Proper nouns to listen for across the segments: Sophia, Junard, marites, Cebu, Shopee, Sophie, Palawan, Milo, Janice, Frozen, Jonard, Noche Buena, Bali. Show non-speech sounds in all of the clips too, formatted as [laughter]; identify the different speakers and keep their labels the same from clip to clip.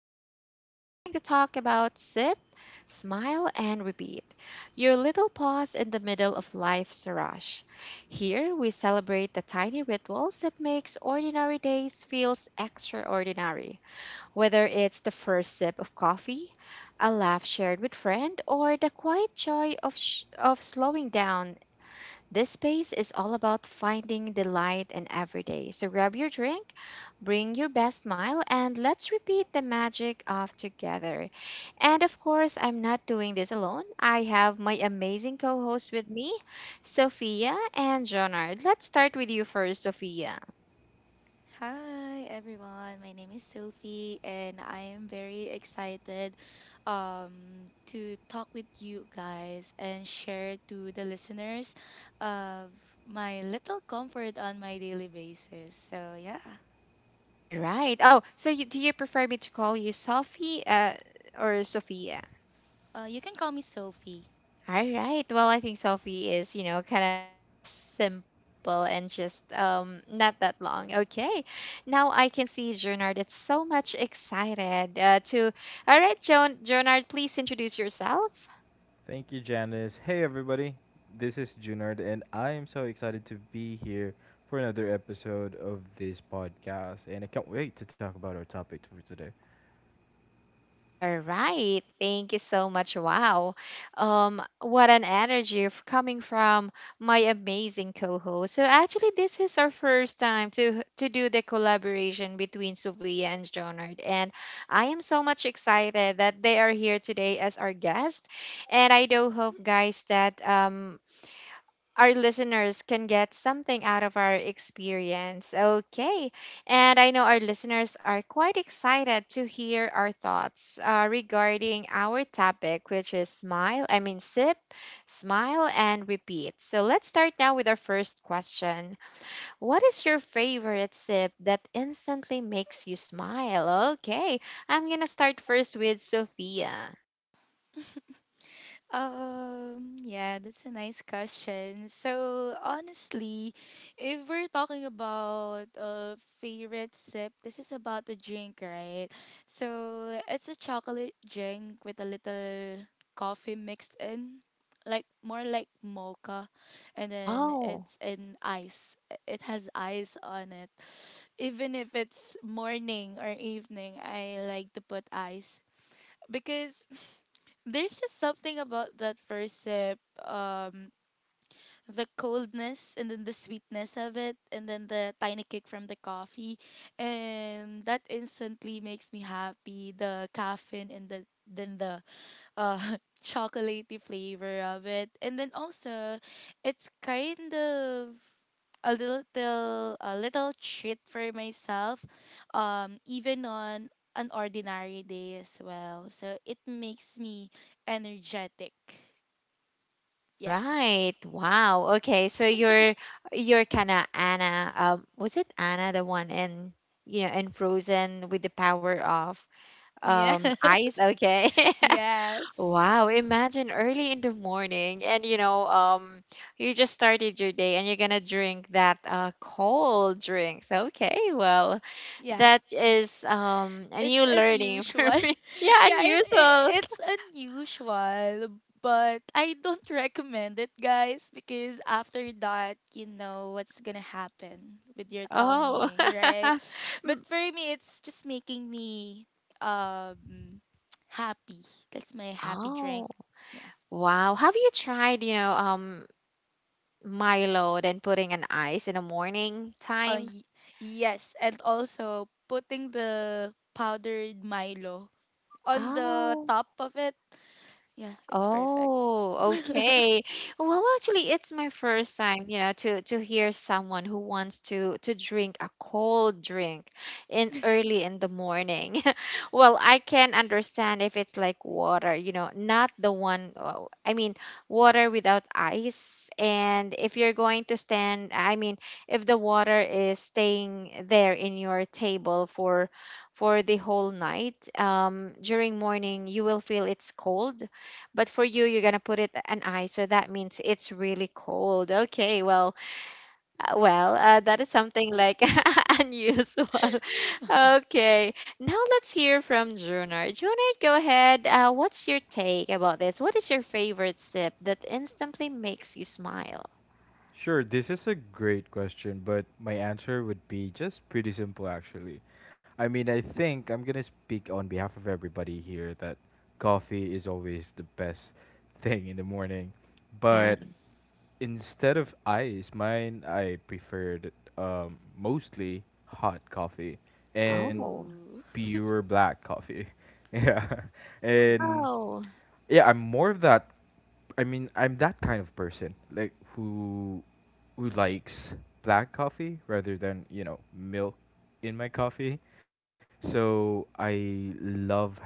Speaker 1: podcast. Today we're going to talk about sit, smile, and repeat. Your little pause in the middle of life's rush. Here we celebrate the tiny rituals that makes ordinary days feels extraordinary. Whether it's the first sip of coffee, a laugh shared with friend, or the quiet joy of of slowing down this space is all about finding the light in every day. So grab your drink, bring your best smile, and let's repeat the magic of together. And of course, I'm not doing this alone. I have my amazing co host with me, Sophia and Jonard. Let's start with you first, Sophia.
Speaker 2: Hi everyone, my name is Sophie and I am very excited to talk with you guys and share to the listeners of my little comfort on my daily basis. So yeah,
Speaker 1: All right. Oh, so you, do you prefer me to call you Sophie or Sophia?
Speaker 2: you can call me Sophie.
Speaker 1: All right. Well, I think Sophie is, you know, kind of simple and just not that long. Okay. Now I can see Jonard is so much excited to. All right, Jonard, please introduce yourself.
Speaker 3: Thank you, Janice. Hey, everybody. This is Junard, and I am so excited to be here for another episode of this podcast. And I can't wait to talk about our topic for today.
Speaker 1: All right. Thank you so much. Wow. What an energy coming from my amazing co-host. So actually this is our first time to do the collaboration between Sophia and Jonard. And I am so much excited that they are here today as our guest. And I do hope guys that our listeners can get something out of our experience. Okay. And I know our listeners are quite excited to hear our thoughts regarding our topic, which is sip, smile, and repeat. So let's start now with our first question. What is your favorite sip that instantly makes you smile? Okay. I'm going to start first with Sophia.
Speaker 2: Yeah, that's a nice question. So, honestly, if we're talking about a favorite sip, this is about the drink, right? So, it's a chocolate drink with a little coffee mixed in, like more like mocha, and then
Speaker 1: Oh.
Speaker 2: it's in ice. It has ice on it. Even if it's morning or evening, I like to put ice because [laughs] there's just something about that first sip um the coldness and then the sweetness of it and then the tiny kick from the coffee, and that instantly makes me happy, the caffeine and then the uh [laughs] chocolatey flavor of it, and then also it's kind of a little treat for myself, even on an ordinary day as well, so it makes me energetic. Yeah.
Speaker 1: Right. Wow. Okay. So you're kind of Anna. Was it Anna the one in you know in Frozen with the power of ice?
Speaker 2: Yes.
Speaker 1: Okay.
Speaker 2: [laughs]
Speaker 1: [laughs]
Speaker 2: Yes.
Speaker 1: Wow. Imagine early in the morning, and you know you just started your day, and you're gonna drink that cold drinks. Okay. Well,
Speaker 2: Yeah.
Speaker 1: that is a
Speaker 2: It's
Speaker 1: new learning [laughs]
Speaker 2: unusual.
Speaker 1: for me.
Speaker 2: [laughs]
Speaker 1: Yeah,
Speaker 2: Yeah,
Speaker 1: unusual.
Speaker 2: it's unusual, but I don't [laughs] recommend it, guys, because after that, you know what's gonna happen with your
Speaker 1: Oh.
Speaker 2: tummy, right? But for me, it's just making me um happy. That's my
Speaker 1: [laughs]
Speaker 2: happy
Speaker 1: Oh,
Speaker 2: drink. Yeah.
Speaker 1: wow. Have you tried, you know, Milo then putting an ice in the morning
Speaker 2: Uh,
Speaker 1: time?
Speaker 2: y- yes, and also putting the powdered Milo on the
Speaker 1: Oh.
Speaker 2: top of it. Yeah, it's perfect.
Speaker 1: Oh,
Speaker 2: [laughs]
Speaker 1: okay. Well, actually, it's my first time, you know, to hear someone who wants to drink a cold drink in early in the morning. [laughs] Well, I can understand if it's like water, you know, not the one, water without ice. And if you're going to stand, I mean, if the water is staying there in your table for the whole night, during morning, you will feel it's cold, but for you, you're gonna put it an ice, so that means it's really cold. Okay, well, that is something like [laughs] unusual. [laughs] Okay, now let's hear from Junard. Junard, go ahead. What's your take about this? What is your favorite sip that instantly makes you smile?
Speaker 3: Sure, this is a great question, but my answer would be just pretty simple, actually. I mean, I think I'm going to speak on behalf of everybody here that coffee is always the best thing in the morning.
Speaker 1: Yeah.
Speaker 3: But instead of ice, mine I preferred mostly hot coffee and
Speaker 1: Oh.
Speaker 2: Ooh.
Speaker 3: pure black coffee. [laughs] Yeah,
Speaker 2: Ooh.
Speaker 3: and
Speaker 1: Oh.
Speaker 3: yeah, I'm more of that. I mean, I'm that kind of person, like who likes black coffee rather than, you know, milk in my coffee. So I love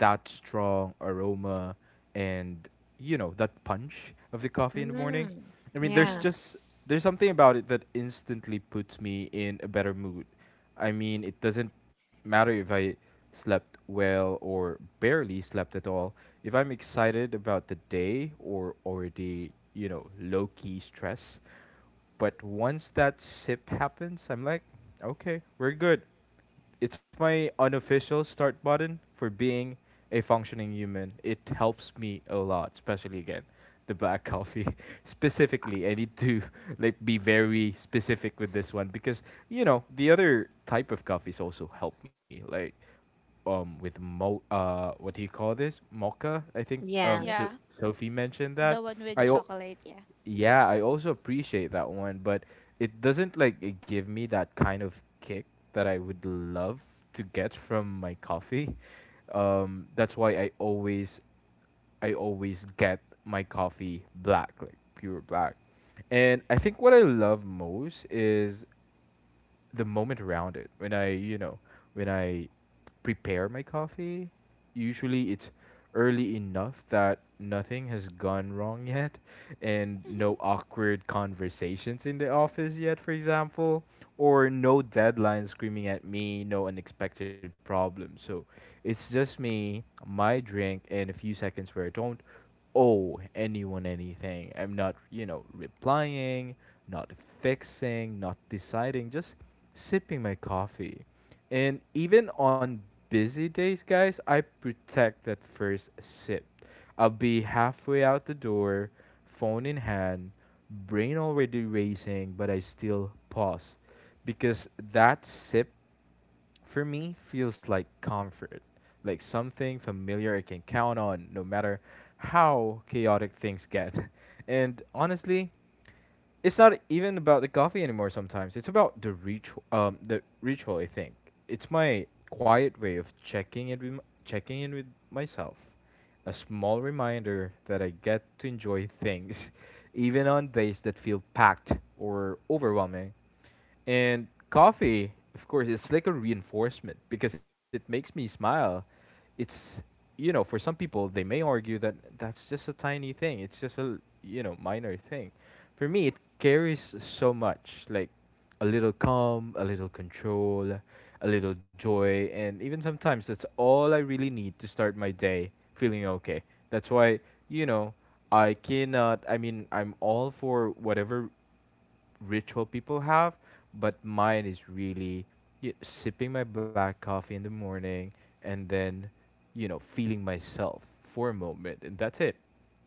Speaker 3: that strong aroma and, you know, that punch of the coffee in the morning.
Speaker 1: Mm.
Speaker 3: I mean, there's
Speaker 1: Yeah.
Speaker 3: just
Speaker 2: Yes.
Speaker 3: there's something about it that instantly puts me in a better mood. I mean, it doesn't matter if I slept well or barely slept at all. If I'm excited about the day or already, you know, low key stress, but once that sip happens, I'm like, okay, we're good. It's my unofficial start button for being a functioning human. It helps me a lot, especially again the black coffee. [laughs] Specifically, I need to [laughs] like be very specific with this one because, you know, the other type of coffees also help me, like, with mo what do you call this, mocha? I think so
Speaker 1: Yes.
Speaker 2: Yeah.
Speaker 3: Sophie mentioned
Speaker 2: The
Speaker 3: that
Speaker 2: one
Speaker 3: I
Speaker 2: with
Speaker 3: al-
Speaker 2: chocolate, yeah.
Speaker 3: yeah, I also appreciate that one, but it doesn't like it give me that kind of kick that I would love to get from my coffee. That's why I always get my coffee black, like pure black. And I think what I love most is the moment around it. When I, you know, when I prepare my coffee, usually it's early enough that nothing has gone wrong [laughs] yet, and no awkward conversations in the office yet, for example, or no deadline screaming at me, no unexpected problems. So it's just me, my drink, and a few seconds where I don't owe anyone anything. I'm not, you know, replying, not fixing, not deciding, just sipping my coffee. And even on busy days, guys, I protect that first sip. I'll be halfway out the door, phone in hand, brain already racing, but I still pause because that sip, for me, feels like comfort, like something familiar I can count on no matter how chaotic things get. [laughs] And honestly, it's not even about the coffee anymore sometimes. It's about the ritual, the ritual, I think. It's my quiet way of checking in with myself. A small reminder that I get to enjoy things [laughs] even on days that feel packed or overwhelming. And coffee, of course, it's like a reinforcement because it makes me smile. It's, you know, for some people, they may argue that that's just a tiny thing. It's just a, you know, minor thing. For me, it carries so much, like a little calm, a little control, a little joy. And even sometimes, that's all I really need to start my day feeling okay. That's why, you know, I cannot. I mean, I'm all for whatever ritual people have, but mine is really sipping my black coffee in the morning and then, you know, feeling myself for a moment, and that's it.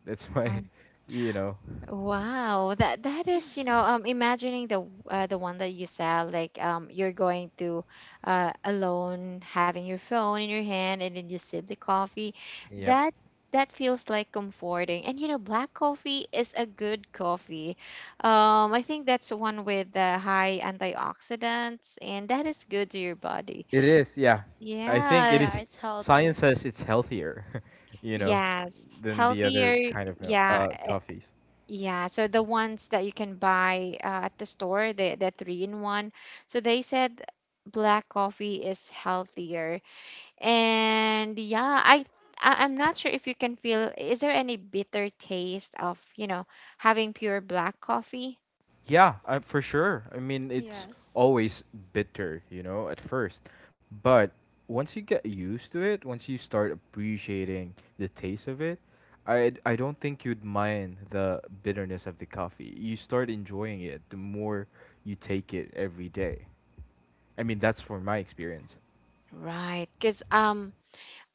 Speaker 3: That's my, [laughs] you know,
Speaker 1: Wow, that is, you know,
Speaker 2: [laughs]
Speaker 1: imagining the the one that you said, like you're going to alone, having your phone in your hand, and then you sip the coffee.
Speaker 3: yep.
Speaker 1: That that feels like comforting. And you know, black coffee is a good coffee. I think that's one with the high antioxidants, and that is good to your body.
Speaker 3: It is, yeah. I think
Speaker 1: Yeah.
Speaker 3: it
Speaker 2: Yeah,
Speaker 3: is.
Speaker 2: it's
Speaker 3: Science
Speaker 2: healthy.
Speaker 3: says it's healthier, [laughs] you know,
Speaker 1: Yes.
Speaker 3: than the other
Speaker 1: Healthier.
Speaker 3: kind of
Speaker 1: Yeah.
Speaker 3: coffees.
Speaker 1: Yeah, so the ones that you can buy at the store, the three in one. So they said black coffee is healthier. And yeah, I'm not sure if you can feel, is there any bitter taste of, you know, having pure black coffee?
Speaker 3: Yeah, for sure. I mean, it's
Speaker 2: Yes.
Speaker 3: always bitter, you know, at first. But once you get used to it, once you start appreciating the taste of it, I don't think you'd mind the bitterness of the coffee. You start enjoying it the more you take it every day. I mean, that's for my experience.
Speaker 1: Right, because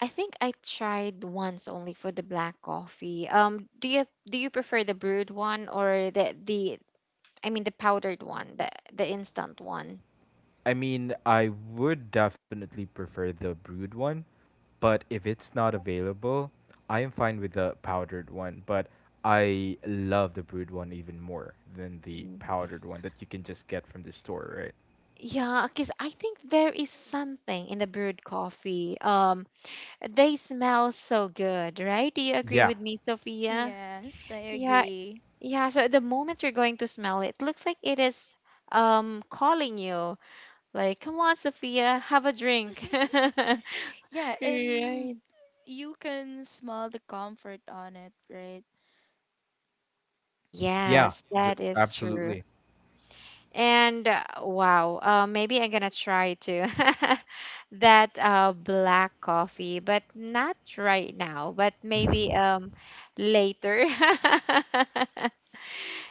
Speaker 1: I think I tried once only for the black coffee. Do you prefer the brewed one or the I mean the powdered one, the instant one?
Speaker 3: I mean, I would definitely prefer the brewed one, but if it's not available, I am fine with the powdered one, but I love the brewed one even more than the
Speaker 1: Mm.
Speaker 3: powdered one that you can just get from the store, right?
Speaker 1: Yeah, because I think there is something in the brewed coffee. They smell so good, right? Do you agree
Speaker 3: Yeah,
Speaker 1: with me, Sophia?
Speaker 2: Yes, I
Speaker 1: Yeah,
Speaker 2: agree.
Speaker 1: yeah. So the moment you're going to smell it, looks like it is calling you, like, come on, Sophia, have a drink. [laughs]
Speaker 2: Yeah,
Speaker 1: Right.
Speaker 2: and you can smell the comfort on it, right?
Speaker 3: yeah,
Speaker 1: Yes, that is true.
Speaker 3: absolutely.
Speaker 1: And maybe I'm gonna try to [laughs] that black coffee, but not right now, but
Speaker 3: [laughs]
Speaker 1: maybe
Speaker 3: Hmm.
Speaker 1: later. [laughs]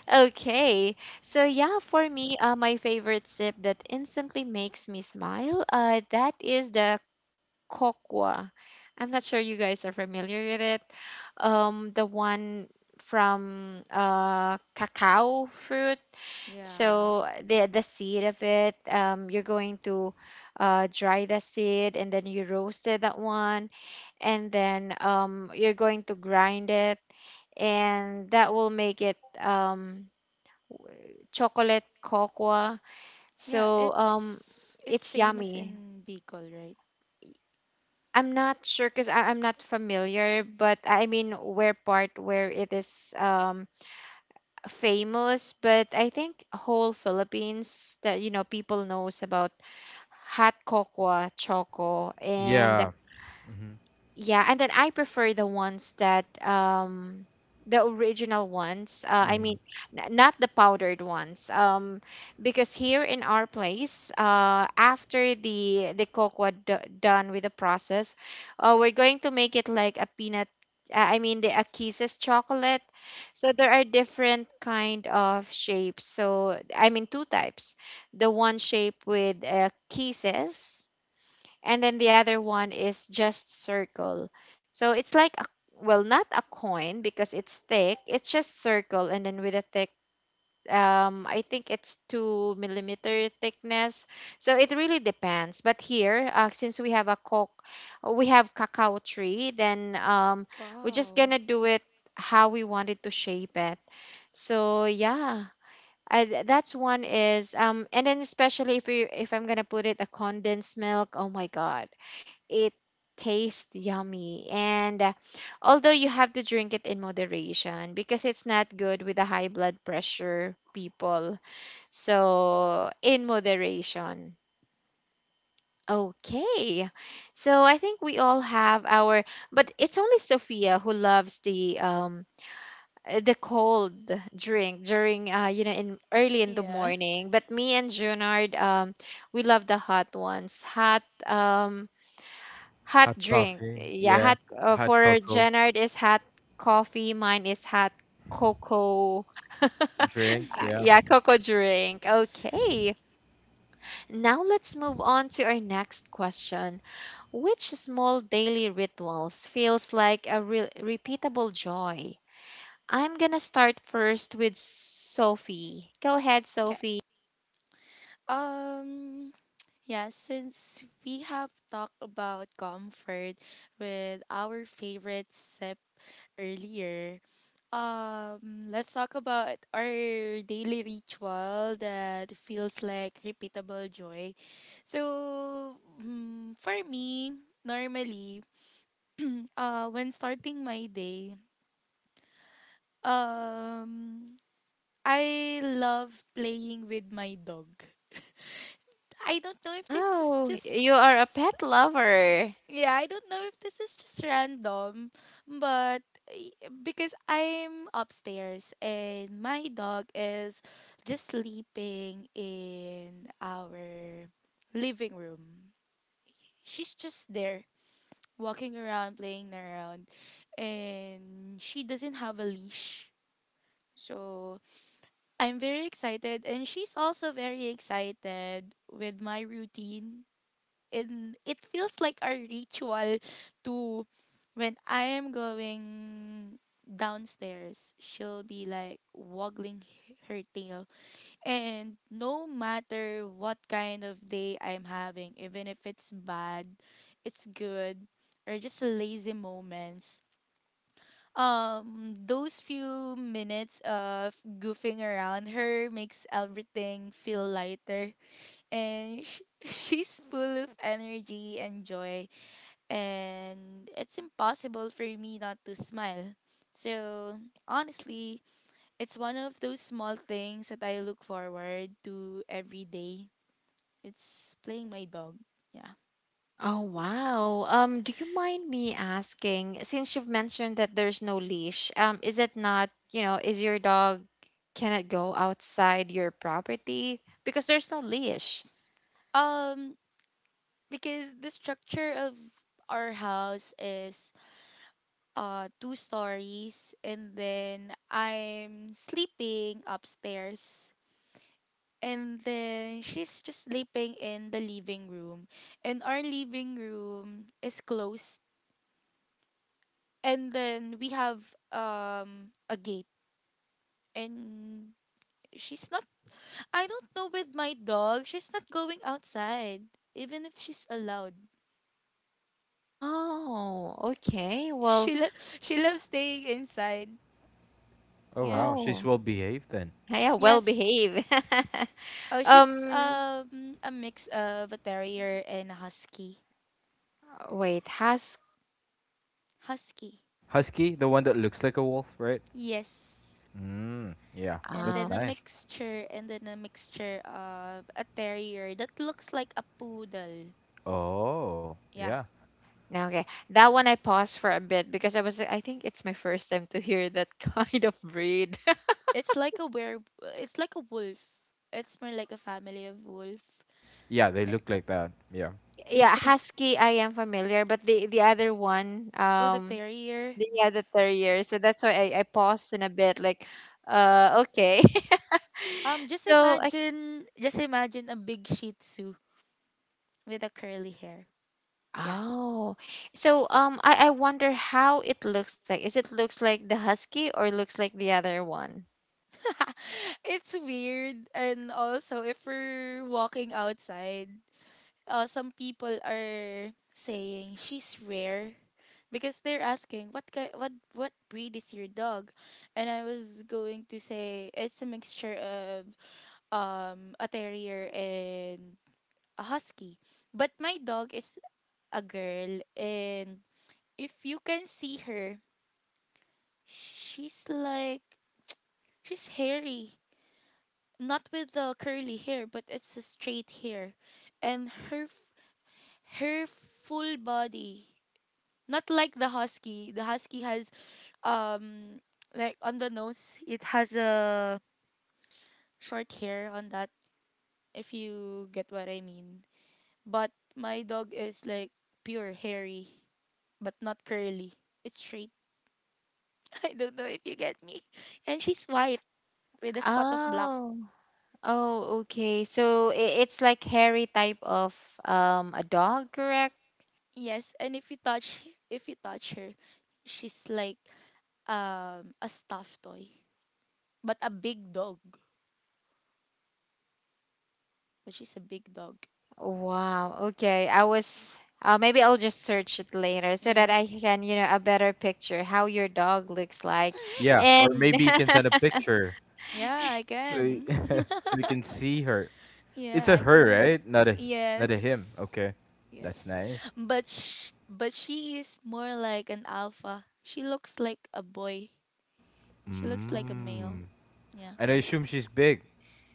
Speaker 1: Okay, so yeah, for me, my favorite sip that instantly makes me smile, that is the cocoa. I'm not sure you guys are familiar with it. The one from cacao fruit,
Speaker 2: Yeah.
Speaker 1: so the seed of it, you're going to dry the seed and then you roasted that one, and then you're going to grind it, and that will make it chocolate cocoa.
Speaker 2: Yeah,
Speaker 1: So
Speaker 2: it's it's
Speaker 1: it's
Speaker 2: famous
Speaker 1: yummy.
Speaker 2: in Bicol, right?
Speaker 1: I'm not sure because I'm not familiar, but where it is famous, but I think whole Philippines that you know people knows about hot cocoa choco. And
Speaker 3: Yeah. Hmm.
Speaker 1: yeah, and then I prefer the ones that the original ones I
Speaker 3: Hmm.
Speaker 1: mean n- not the powdered ones, because here in our place, after the cocoa done with the process, we're going to make it like a peanut, the a kisses chocolate. So there are different kind of shapes, so I mean two types: the one shape with kisses, and then the other one is just circle. So it's like a, well, not a coin because it's thick. It's just circle, and then with a thick, I think it's two millimeter thickness. So it really depends. But here, since we have cacao tree, then we're just
Speaker 2: Wow.
Speaker 1: gonna do it how we wanted to shape it. So yeah. That's one is and then especially if I'm gonna put it a condensed milk, oh my god, it tastes yummy. And although you have to drink it in moderation because it's not good with the high blood pressure people. So, in moderation. Okay. So, I think we all have our, but it's only Sophia who loves the cold drink during you know in early in the
Speaker 2: Yeah.
Speaker 1: morning, but me and Junard we love the hot ones, hot
Speaker 3: Hot
Speaker 1: drink.
Speaker 3: coffee,
Speaker 1: Yeah,
Speaker 3: yeah.
Speaker 1: hot
Speaker 3: Hot
Speaker 1: for
Speaker 3: cocoa
Speaker 1: Jenard is hot coffee, mine is hot cocoa. [laughs]
Speaker 3: drink, yeah.
Speaker 1: Yeah, cocoa drink. Okay. Now let's move on to our next question. Which small daily rituals feels like a repeatable joy? I'm gonna start first with Sophie. Go ahead,
Speaker 2: [laughs] Okay.
Speaker 1: Sophie.
Speaker 2: Um yeah, since we have talked about comfort with our favorite sip earlier, let's talk about our daily ritual that feels like repeatable joy. So, for me, normally, when starting my day, um, I love playing with my dog. I don't know if this is
Speaker 1: Oh, you are a
Speaker 2: just.
Speaker 1: pet lover.
Speaker 2: Yeah, I don't know if this is just random, but y- because I'm upstairs and my dog is just sleeping in our living room. She's just there, walking around, playing around, and she doesn't have a leash. So I'm very excited, and she's also very excited with my routine, and it feels like our ritual to when I am going downstairs, she'll be like waggling her tail. And no matter what kind of day I'm having, even if it's bad, it's good, or just lazy moments, those few minutes of goofing around her makes everything feel lighter. And [laughs] she's full of energy and joy, and it's impossible for me not to smile. So, honestly, it's one of those small things that I look forward to every day. It's playing my dog. Yeah.
Speaker 1: Oh, wow. Do you mind me asking, since you've mentioned that there's no leash, is it not, you know, is your dog, can it go outside your property? Because there's no leash.
Speaker 2: Um, because the structure of our house is two stories, and then I'm sleeping upstairs, and then she's just sleeping in the living room, and our living room is closed, and then we have a gate, and she's not, I don't know, with my dog she's not going outside even if she's allowed.
Speaker 1: Oh, okay. Well,
Speaker 2: she lo- [laughs] she loves staying inside.
Speaker 3: Oh
Speaker 2: Yeah.
Speaker 3: wow, she's
Speaker 1: oh,
Speaker 3: well behaved then.
Speaker 1: yeah, well
Speaker 2: Yes.
Speaker 1: behave.
Speaker 2: Oh,
Speaker 1: [laughs]
Speaker 2: she's
Speaker 1: Um,
Speaker 2: a mix of a terrier and a husky.
Speaker 1: wait, has,
Speaker 2: Husky.
Speaker 3: Husky, the one that looks like a wolf, right?
Speaker 2: Yes.
Speaker 3: Mm, yeah, that's
Speaker 1: oh,
Speaker 3: nice.
Speaker 2: And then a mixture of a terrier that looks like a poodle.
Speaker 3: Oh,
Speaker 2: Yeah.
Speaker 3: yeah.
Speaker 1: no, okay. That one I paused for a bit because I was, I think it's my first time to hear that [laughs] kind of breed.
Speaker 2: It's like a were. It's like a wolf. It's more like a
Speaker 1: [laughs]
Speaker 2: family of wolf.
Speaker 3: Yeah, they
Speaker 2: Er,
Speaker 3: look like that. Yeah.
Speaker 1: Yeah,
Speaker 2: [laughs]
Speaker 1: husky I am familiar, but the other one,
Speaker 2: oh, the terrier.
Speaker 1: the other terrier. So that's why I paused in a bit, like, okay. [laughs] So like,
Speaker 2: Just imagine a big Shih Tzu with a curly hair. Yeah,
Speaker 1: oh, so I wonder how it looks like. Is it looks like the husky or looks like the other one?
Speaker 2: [laughs] it's weird. And also, if we're walking outside, some people are saying she's rare because they're asking what ki- what breed is your dog, and I was going to say it's a mixture of a terrier and a husky. But my dog is a girl, and if you can see her, she's like she's hairy, not with the curly hair, but it's a straight hair, and her full body, not like the husky. The husky has um, like on the nose, it has a short hair on that, if you get what I mean. But my dog is like pure hairy, but not curly. It's straight. [laughs] I don't know if you get me. And she's white with a spot of black.
Speaker 1: Oh, oh, okay. So it's like hairy type of a dog, correct?
Speaker 2: Yes, and if you touch her, she's like a stuffed toy, but a big dog. But she's a big dog.
Speaker 1: Wow. Okay. I was maybe I'll just search it later so that I
Speaker 2: Yes.
Speaker 1: can, you know, a better picture how your dog looks like.
Speaker 3: Yeah, or
Speaker 2: [laughs]
Speaker 1: And
Speaker 3: maybe you can
Speaker 1: [laughs]
Speaker 3: send a picture
Speaker 2: Yeah, I
Speaker 3: so
Speaker 2: can.
Speaker 3: [laughs] so
Speaker 2: [laughs]
Speaker 3: we can see her. It's
Speaker 2: Yeah,
Speaker 3: a
Speaker 2: I
Speaker 3: her,
Speaker 2: can.
Speaker 3: right? Not a him.
Speaker 2: Yes.
Speaker 3: Okay, that's
Speaker 2: Yes.
Speaker 3: nice.
Speaker 2: But but she is more like an alpha. She looks like a boy. She looks like a male.
Speaker 3: Mm.
Speaker 2: Yeah.
Speaker 3: And I assume she's big.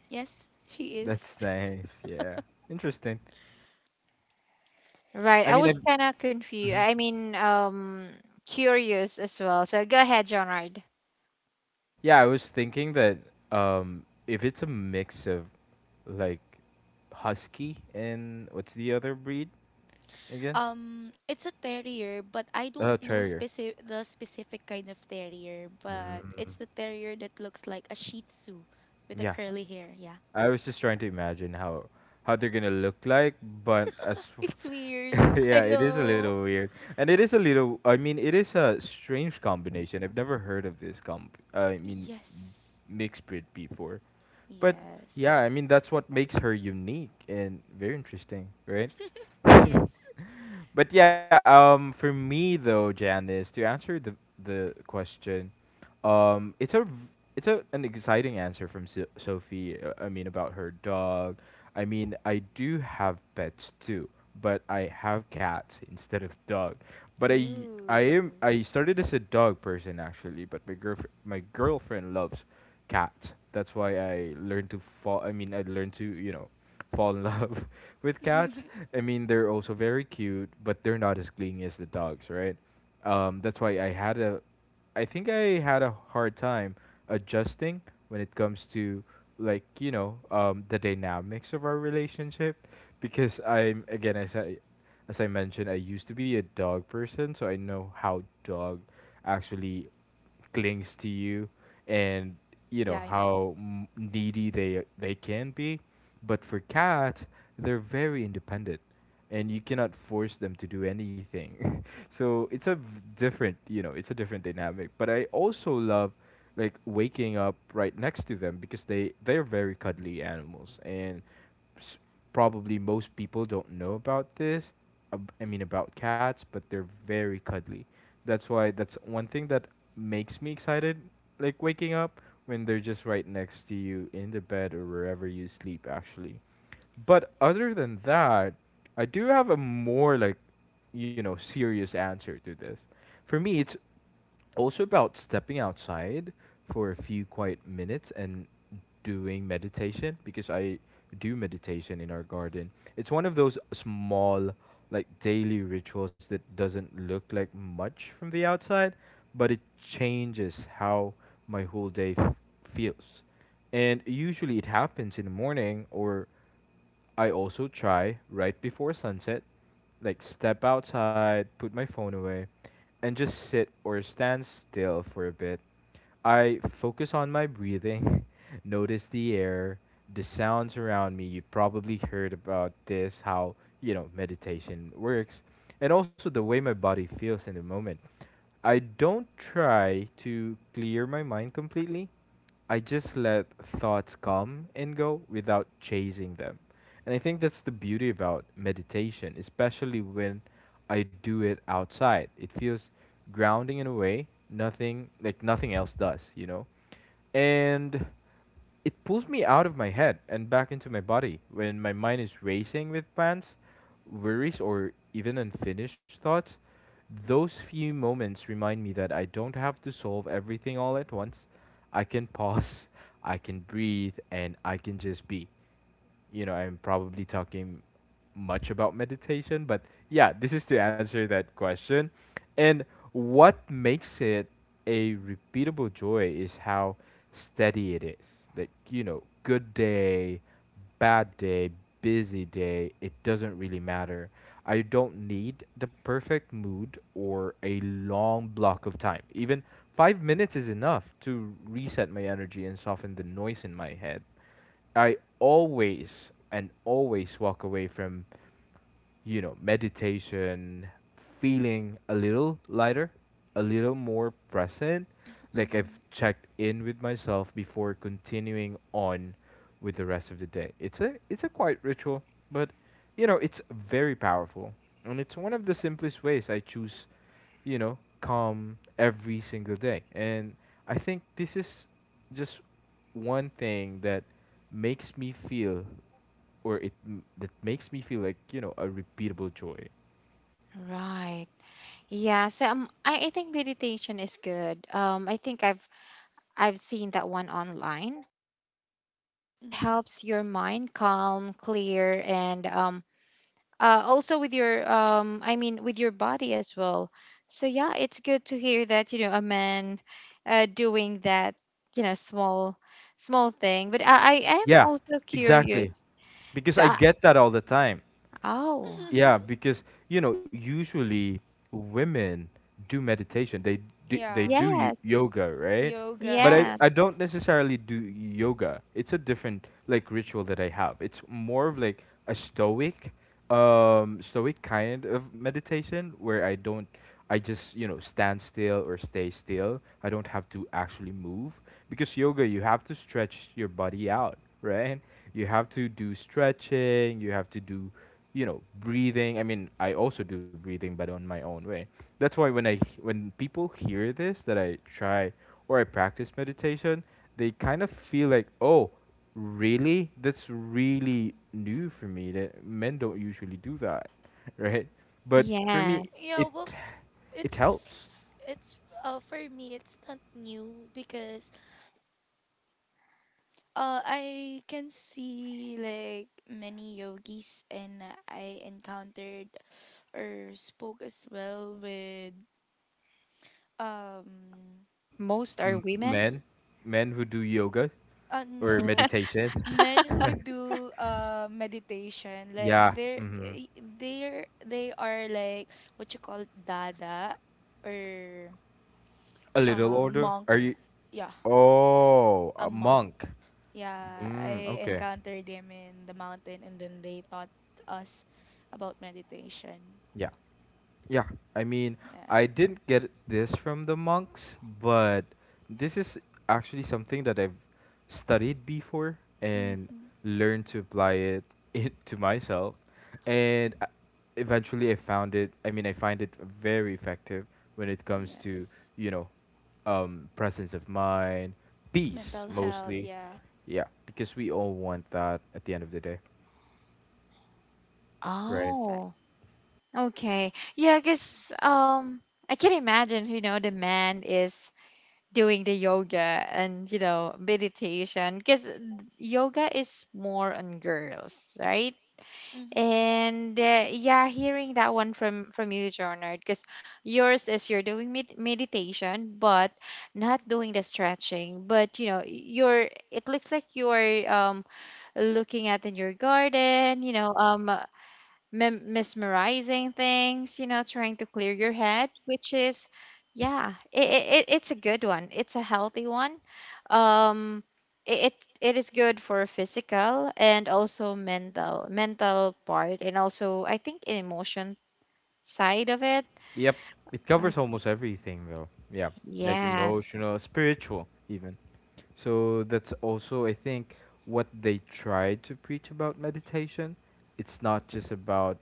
Speaker 2: Yes, she is.
Speaker 3: That's
Speaker 2: [laughs]
Speaker 3: nice. Yeah, interesting.
Speaker 1: right,
Speaker 3: I
Speaker 1: I
Speaker 3: mean, I,
Speaker 1: was kind of confused.
Speaker 3: mhm.
Speaker 1: I mean, curious as well. So go ahead, Jonard.
Speaker 3: Yeah, I was thinking that if it's a mix of, like, husky and what's the other breed again?
Speaker 2: Um, it's a terrier, but I don't know
Speaker 3: Terrier.
Speaker 2: specific kind of terrier, but
Speaker 3: Mm.
Speaker 2: it's the terrier that looks like a shih tzu with a
Speaker 3: Yeah,
Speaker 2: curly hair. Yeah.
Speaker 3: I was just trying to imagine how they're gonna look like, but as
Speaker 2: [laughs] It's
Speaker 3: [laughs]
Speaker 2: weird. I
Speaker 3: yeah, it is a
Speaker 2: know.
Speaker 3: little weird, and it is a little. I mean, it is a strange combination. I've never heard of this comp. I mean,
Speaker 2: Yes.
Speaker 3: mixed breed before, but
Speaker 2: Yes.
Speaker 3: yeah, I mean that's what makes her unique and very interesting, right? [laughs] But
Speaker 2: Yes.
Speaker 3: yeah, for me though, Janice, to answer the question, it's a it's a, an exciting answer from Sophie. I mean about her dog. I mean I do have pets too, but I have cats instead of dog. But I I am
Speaker 2: Ooh.
Speaker 3: I started as a dog person actually, but my girlfriend loves cats. That's why I learned to fall. I mean I learned to, you know, [laughs] fall in love [laughs] with cats. I mean they're also very cute, but they're not as clingy as the dogs, right? That's why I think I had a hard time adjusting when it comes to, like, you know, the dynamics of our relationship because I'm, again, as I mentioned I used to be a dog person, so I know how dog actually clings to you and, you
Speaker 2: Yeah.
Speaker 3: know,
Speaker 2: I-
Speaker 3: how needy they can be, but for cats they're very independent and you cannot force them to do anything. [laughs] So it's a different, you know, it's a different dynamic, but I also love like waking up right next to them because they're very cuddly animals, and probably most people don't know about this. I mean about cats, but they're very cuddly. That's why that's one thing that makes me excited, like waking up when they're just right next to you in the bed or wherever you sleep actually. But other than that, I do have a more like, you know, serious answer to this. For me, it's also about stepping outside for a few quiet minutes and doing meditation because I do meditation in our garden. It's one of those small, like daily rituals that doesn't look like much from the outside, but it changes how my whole day feels. And usually it happens in the morning, or I also try right before sunset, like step outside, put my phone away, and just sit or stand still for a bit. I focus on my breathing, [laughs] notice the air, the sounds around me. You probably heard about this, how, you know, meditation works, and also the way my body feels in the moment. I don't try to clear my mind completely. I just let thoughts come and go without chasing them. And I think that's the beauty about meditation, especially when I do it outside. It feels grounding in a way nothing else does, you know? And it pulls me out of my head and back into my body when my mind is racing with plans, worries, or even unfinished thoughts. Those few moments remind me that I don't have to solve everything all at once. I can pause, [laughs] I can breathe, and I can just be. You know, I'm probably talking much about meditation, but yeah, this is to answer that question. And what makes it a repeatable joy is how steady it is. Like, you know, good day, bad day, busy day, it doesn't really matter. I don't need the perfect mood or a long block of time. Even 5 minutes is enough to reset my energy and soften the noise in my head. I always and always walk away from, you know, meditation feeling a little lighter, a little more present. Like I've
Speaker 2: Mhm.
Speaker 3: checked in with myself before continuing on with the rest of the day. It's a quiet ritual, but, you know, it's very powerful. And it's one of the simplest ways I choose, you know, calm every single day. And I think this is just one thing that makes me feel, or that makes me feel like, you know, a repeatable joy.
Speaker 1: Right. Yeah. So I think meditation is good. I think I've seen that one online. It
Speaker 2: Mhm.
Speaker 1: helps your mind calm, clear, and also with your with your body as well. So yeah, it's good to hear that you know a man doing that you know small thing. But I am
Speaker 3: Yeah,
Speaker 1: also
Speaker 3: exactly.
Speaker 1: curious.
Speaker 3: Because
Speaker 1: So
Speaker 3: I get that all the time.
Speaker 1: oh,
Speaker 3: Yeah,
Speaker 2: [laughs]
Speaker 3: because you know usually women do meditation. They
Speaker 2: Yeah.
Speaker 1: yes,
Speaker 3: yoga, right? But
Speaker 2: Yogas.
Speaker 3: I,
Speaker 1: yeah,
Speaker 3: I don't necessarily do yoga. It's a different like ritual that I have. It's more of like a stoic, stoic kind of meditation where I don't, I just you know stand still or stay still. I don't have to actually move because yoga, you have to stretch your body out, right? You have to do stretching. You have to do, you know, breathing. I mean, I also do breathing, but on my own way. That's why when people hear this that I try or I practice meditation, they kind of feel like, oh, really? That's really new for me that men don't usually do that, [laughs] right? But for me,
Speaker 1: yes,
Speaker 2: Yeah.
Speaker 3: it
Speaker 2: Well,
Speaker 3: it helps.
Speaker 2: it's it's for me it's not new because I can see like many yogis, and I encountered or spoke as well with um.
Speaker 1: most are
Speaker 2: Y-
Speaker 1: women.
Speaker 3: Men, men who do yoga or
Speaker 2: no,
Speaker 3: meditation.
Speaker 2: men who do meditation, like
Speaker 3: Yeah,
Speaker 2: they're
Speaker 3: hmm,
Speaker 2: they are like what you call it, dada, or
Speaker 3: a little older. Are
Speaker 2: monk.
Speaker 3: you?
Speaker 2: Yeah,
Speaker 3: Oh,
Speaker 2: a
Speaker 3: a
Speaker 2: monk.
Speaker 3: monk.
Speaker 2: Yeah,
Speaker 3: Mm,
Speaker 2: I
Speaker 3: okay.
Speaker 2: encountered them in the mountain, and then they taught us about meditation.
Speaker 3: Yeah. Yeah, I mean,
Speaker 2: Yeah.
Speaker 3: I didn't get this from the monks, but this is actually something that I've studied before and
Speaker 2: Mm-hmm.
Speaker 3: learned to apply it, [laughs] it to myself. And I- Eventually I found it, I mean, I find it very effective when it comes to,
Speaker 2: Yes.
Speaker 3: you know, presence of mind, peace
Speaker 2: Mental health,
Speaker 3: mostly.
Speaker 2: yeah.
Speaker 3: Yeah, because we all want that at the end of the day, right?
Speaker 2: Perfect.
Speaker 1: Oh, okay. Yeah, because I can imagine you know the man is doing the yoga and you know meditation, because yoga is more on girls, right?
Speaker 2: Mm-hmm.
Speaker 1: And yeah, hearing that one from you, Jonard, because yours is you're doing meditation but not doing the stretching, but you know you're, it looks like you're looking at in your garden, you know, mesmerizing things, you know, trying to clear your head, which is, yeah, it's a good one. It's a healthy one. Um, it, it it is good for physical and also mental part, and also I think an emotion side of it.
Speaker 3: Yep. It
Speaker 1: Oh,
Speaker 3: covers almost everything though. Yeah. Like
Speaker 1: yes,
Speaker 3: emotional, spiritual even. So that's also I think what they try to preach about meditation. It's not just about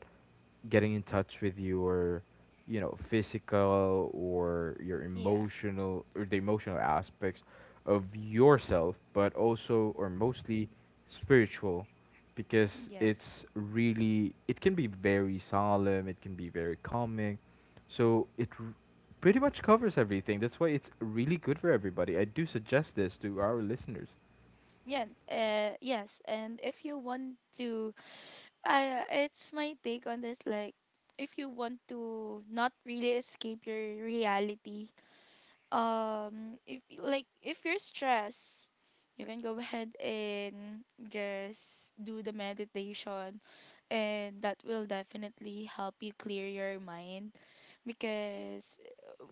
Speaker 3: getting in touch with your, you know, physical or your
Speaker 2: Yeah.
Speaker 3: emotional or the emotional aspects of yourself, but also or mostly spiritual because
Speaker 2: Yes.
Speaker 3: it's really, it can be very solemn, it can be very calming, so it r- pretty much covers everything. That's why it's really good for everybody. I do suggest this to our listeners.
Speaker 2: Yeah. Uh, yes, and if you want to, I, it's my take on this, like if you want to not really escape your reality, um, if like if you're stressed, you can go ahead and just do the meditation, and that will definitely help you clear your mind, because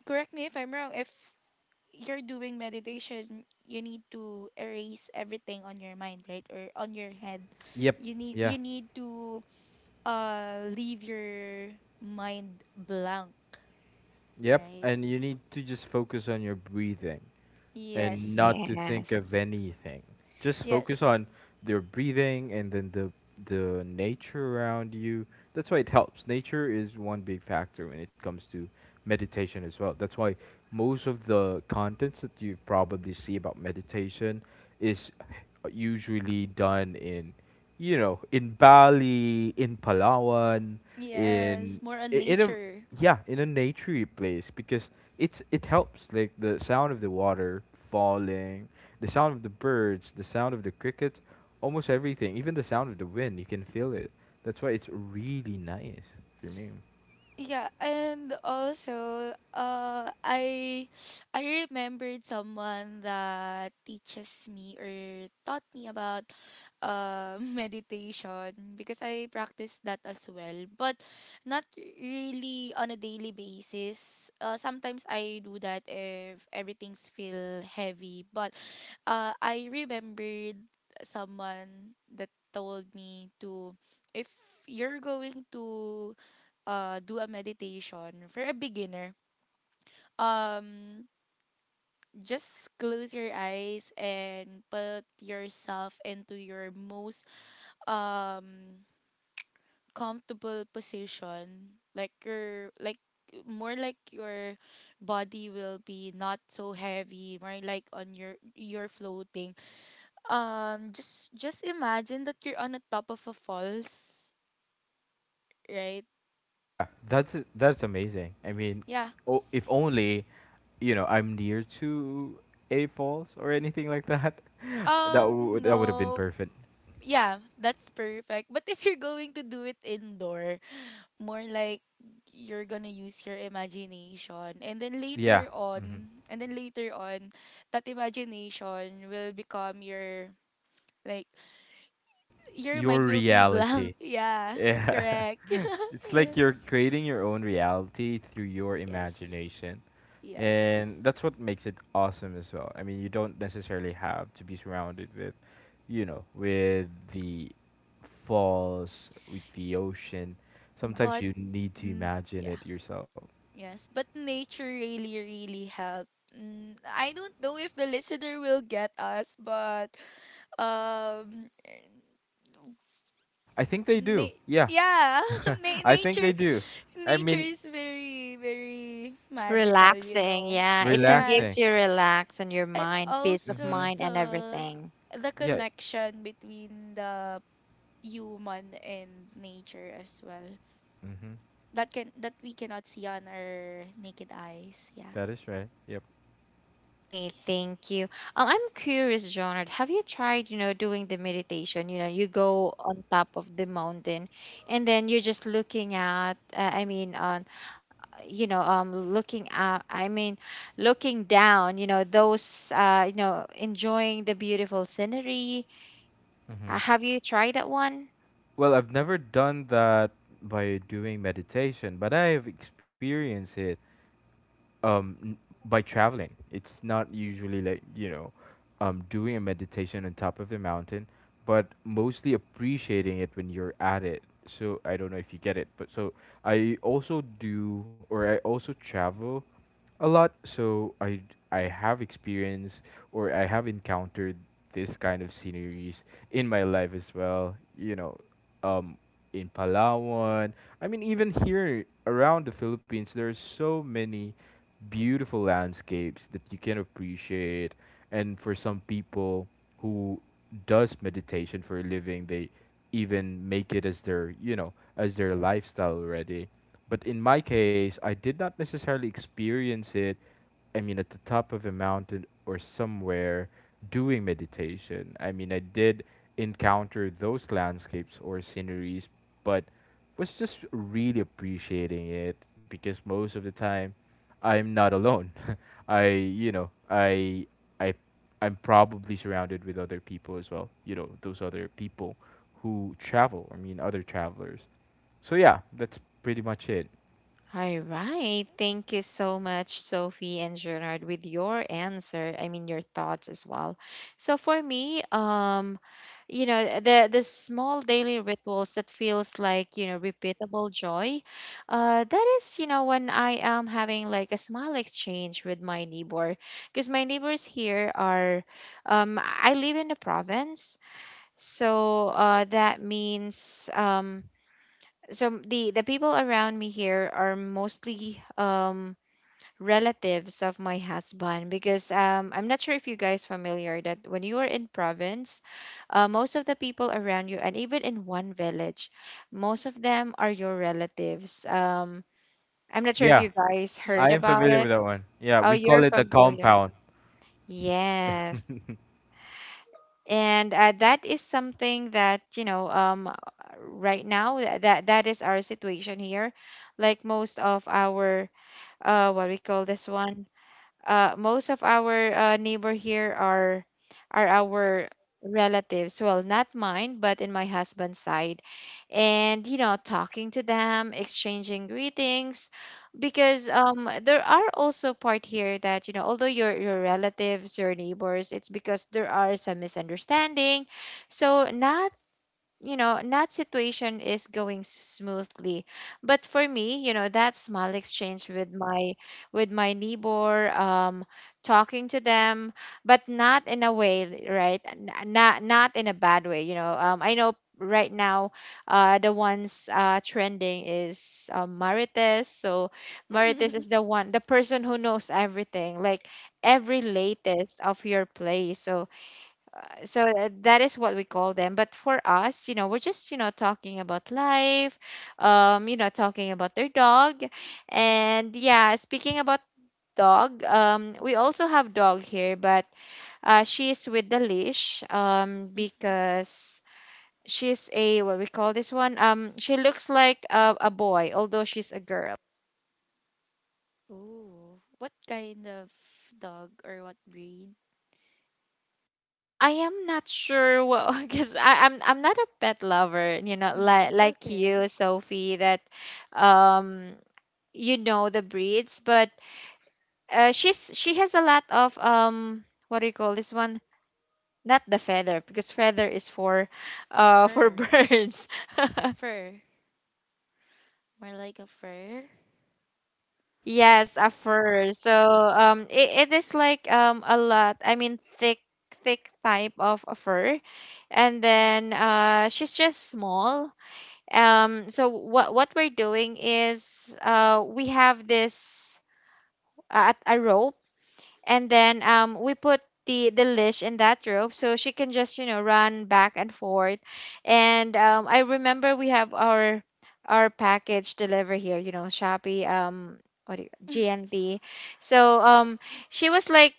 Speaker 2: correct me if I'm wrong, if you're doing meditation you need to erase everything on your mind, right, or on your head?
Speaker 3: Yep. Yeah,
Speaker 2: You need to leave your mind blank,
Speaker 3: yep,
Speaker 2: right?
Speaker 3: and you need to just focus on your breathing and
Speaker 2: Yes.
Speaker 3: not to think of
Speaker 1: yes.
Speaker 3: anything. Just focus
Speaker 2: Yes.
Speaker 3: on their breathing and then the nature around you. That's why it helps. Nature is one big factor when it comes to meditation as well. That's why most of the contents that you probably see about meditation is usually done in, you know, in Bali, in Palawan,
Speaker 2: Yes,
Speaker 3: in
Speaker 2: more on
Speaker 3: I- in a
Speaker 2: nature.
Speaker 3: yeah, in a naturey place because it helps, like the sound of the water falling, the sound of the birds, the sound of the crickets. Almost everything, even the sound of the wind, you can feel it. That's why it's really nice for me.
Speaker 2: Yeah, and also, I [sighs] I remembered someone that teaches me or taught me about [laughs] meditation, because I practice that as well, but not really on a daily basis. Sometimes I do that if everything's feel heavy, but I remembered someone that told me to, if you're going to uh do a meditation for a beginner, um, just close your eyes and put yourself into your most um comfortable position. Like your like more like your body will be not so heavy, more like on your you're floating, um, just imagine that you're on the top of a falls, right?
Speaker 3: Yeah, that's amazing. I mean,
Speaker 2: Yeah.
Speaker 3: oh, if only you know I'm near to a falls or anything like that, [laughs] that
Speaker 2: Um,
Speaker 3: would, that
Speaker 2: no,
Speaker 3: would have been perfect.
Speaker 2: yeah, that's perfect. But if you're going to do it indoor, more like you're gonna use your imagination,
Speaker 3: Yeah, hmm,
Speaker 2: and then later on that imagination will become your like your
Speaker 3: your
Speaker 2: mind will be
Speaker 3: reality.
Speaker 2: blank. [laughs] Yeah,
Speaker 3: Yeah,
Speaker 2: correct.
Speaker 3: [laughs] it's
Speaker 2: [laughs]
Speaker 3: like you're
Speaker 2: Yes.
Speaker 3: creating your own reality through your
Speaker 2: Yes.
Speaker 3: imagination.
Speaker 2: Yes.
Speaker 3: And that's what makes it awesome as well. I mean, you don't necessarily have to be surrounded with, you know, with the falls, with the ocean. Sometimes
Speaker 2: But
Speaker 3: you need to
Speaker 2: n-
Speaker 3: imagine
Speaker 2: yeah.
Speaker 3: it yourself.
Speaker 2: Yes, but nature really really helped. Mm, I don't know if the listener will get us, but um
Speaker 3: I think they do.
Speaker 2: na-
Speaker 3: Yeah,
Speaker 2: yeah
Speaker 3: [laughs]
Speaker 2: [laughs]
Speaker 3: I think
Speaker 2: nature,
Speaker 3: they do. I
Speaker 2: nature
Speaker 3: mean,
Speaker 2: is very very magical, you
Speaker 1: Relaxing,
Speaker 2: know.
Speaker 1: yeah. It can
Speaker 3: relaxing.
Speaker 1: gives
Speaker 2: Yes.
Speaker 1: you relax and your
Speaker 2: And
Speaker 1: mind, peace of
Speaker 2: also
Speaker 3: Mhm.
Speaker 1: mind and everything.
Speaker 2: the
Speaker 3: Yeah.
Speaker 2: connection between the human and nature as well,
Speaker 3: Mhm.
Speaker 2: that, can that we cannot see on our naked eyes. Yeah.
Speaker 3: That is right. Yep.
Speaker 1: Hi,
Speaker 2: Okay.
Speaker 1: thank you. I'm curious, Jonard, have you tried, you know, doing the meditation? You know, you go on top of the mountain and then you're just looking at, I mean, you know, looking up, I mean, looking down, you know, those, you know, enjoying the beautiful scenery.
Speaker 3: Mm-hmm.
Speaker 1: Have you tried that one?
Speaker 3: Well, I've never done that by doing meditation, but I've experienced it um n- by traveling. It's not usually like, you know, doing a meditation on top of the mountain, but mostly appreciating it when you're at it. So I don't know if you get it, but so I also do or I also travel a lot, so I have experience or I have encountered this kind of sceneries in my life as well. You know, um, in Palawan. I mean, even here around the Philippines, there's so many beautiful landscapes that you can appreciate. And for some people who does meditation for a living, they even make it as their, you know, as their lifestyle already. But in my case, I did not necessarily experience it, I mean, at the top of a mountain or somewhere doing meditation. I mean, I did encounter those landscapes or sceneries, but was just really appreciating it because most of the time I'm not alone. [laughs] I, you know, I, I'm probably surrounded with other people as well. You know, those other people who travel. I mean, other travelers. So yeah, that's pretty much it.
Speaker 1: All right. Thank you so much, Sophie and Gerard, with your answer. I mean, your thoughts as well. So for me, you know, the small daily rituals that feels like you know repeatable joy. That is, you know, when I am having like a small exchange with my neighbor, because my neighbors here are, I live in the province, so that means so the people around me here are mostly relatives of my husband because I'm not sure if you guys familiar that when you are in province, most of the people around you and even in one village, most of them are your relatives. I'm not sure if
Speaker 3: Yeah,
Speaker 1: you guys
Speaker 3: I
Speaker 1: heard
Speaker 3: am
Speaker 1: about
Speaker 3: familiar
Speaker 1: it.
Speaker 3: with
Speaker 2: Yes.
Speaker 3: that one. Yeah,
Speaker 1: Oh,
Speaker 3: we
Speaker 1: you're
Speaker 3: call it the
Speaker 1: familiar.
Speaker 3: compound.
Speaker 1: Yes. And that is something that you know right now that is our situation here, like most of our what we call this one, most of our neighbor here are our relatives, well not mine but in my husband's side. And you know talking to them, exchanging greetings, because there are also part here that you know although your relatives, your neighbors, it's because there are some misunderstanding, so not, you know, not situation is going smoothly. But for me, you know, that small exchange with my neighbor, talking to them, but not in a way right, not in a bad way, you know. I know right now the ones trending is marites. So marites is the one, the person who knows everything like every latest of your place. So so that is what we call them. But for us, you know, we're just, you know, talking about life, you know, talking about their dog. And yeah, speaking about dog, we also have dog here, but she is with the leash,
Speaker 2: Mm-hmm.
Speaker 1: because she's a what we call this one, she looks like a boy although she's a girl.
Speaker 2: Ooh, what kind of dog or what breed?
Speaker 1: I am not sure what [laughs] because I'm not a pet lover, you know,
Speaker 2: Mm, it's
Speaker 1: like
Speaker 2: okay.
Speaker 1: you, Sophie, that um you know the breeds, but she's she has a lot of what do you call this one, not the feather because feather is for
Speaker 2: A
Speaker 1: [laughs] for
Speaker 2: fur.
Speaker 1: birds. [laughs]
Speaker 2: Fur. More like a fur.
Speaker 1: Yes, a fur. So it, it is like a lot, I mean thick, thick type of a fur. And then she's just small. So what we're doing is we have this a rope, and then we put the leash in that rope so she can just, you know, run back and forth. And I remember we have our package deliver here, you know, shopee. What do you,
Speaker 2: [laughs]
Speaker 1: gnt.
Speaker 2: Yeah.
Speaker 1: So she was like,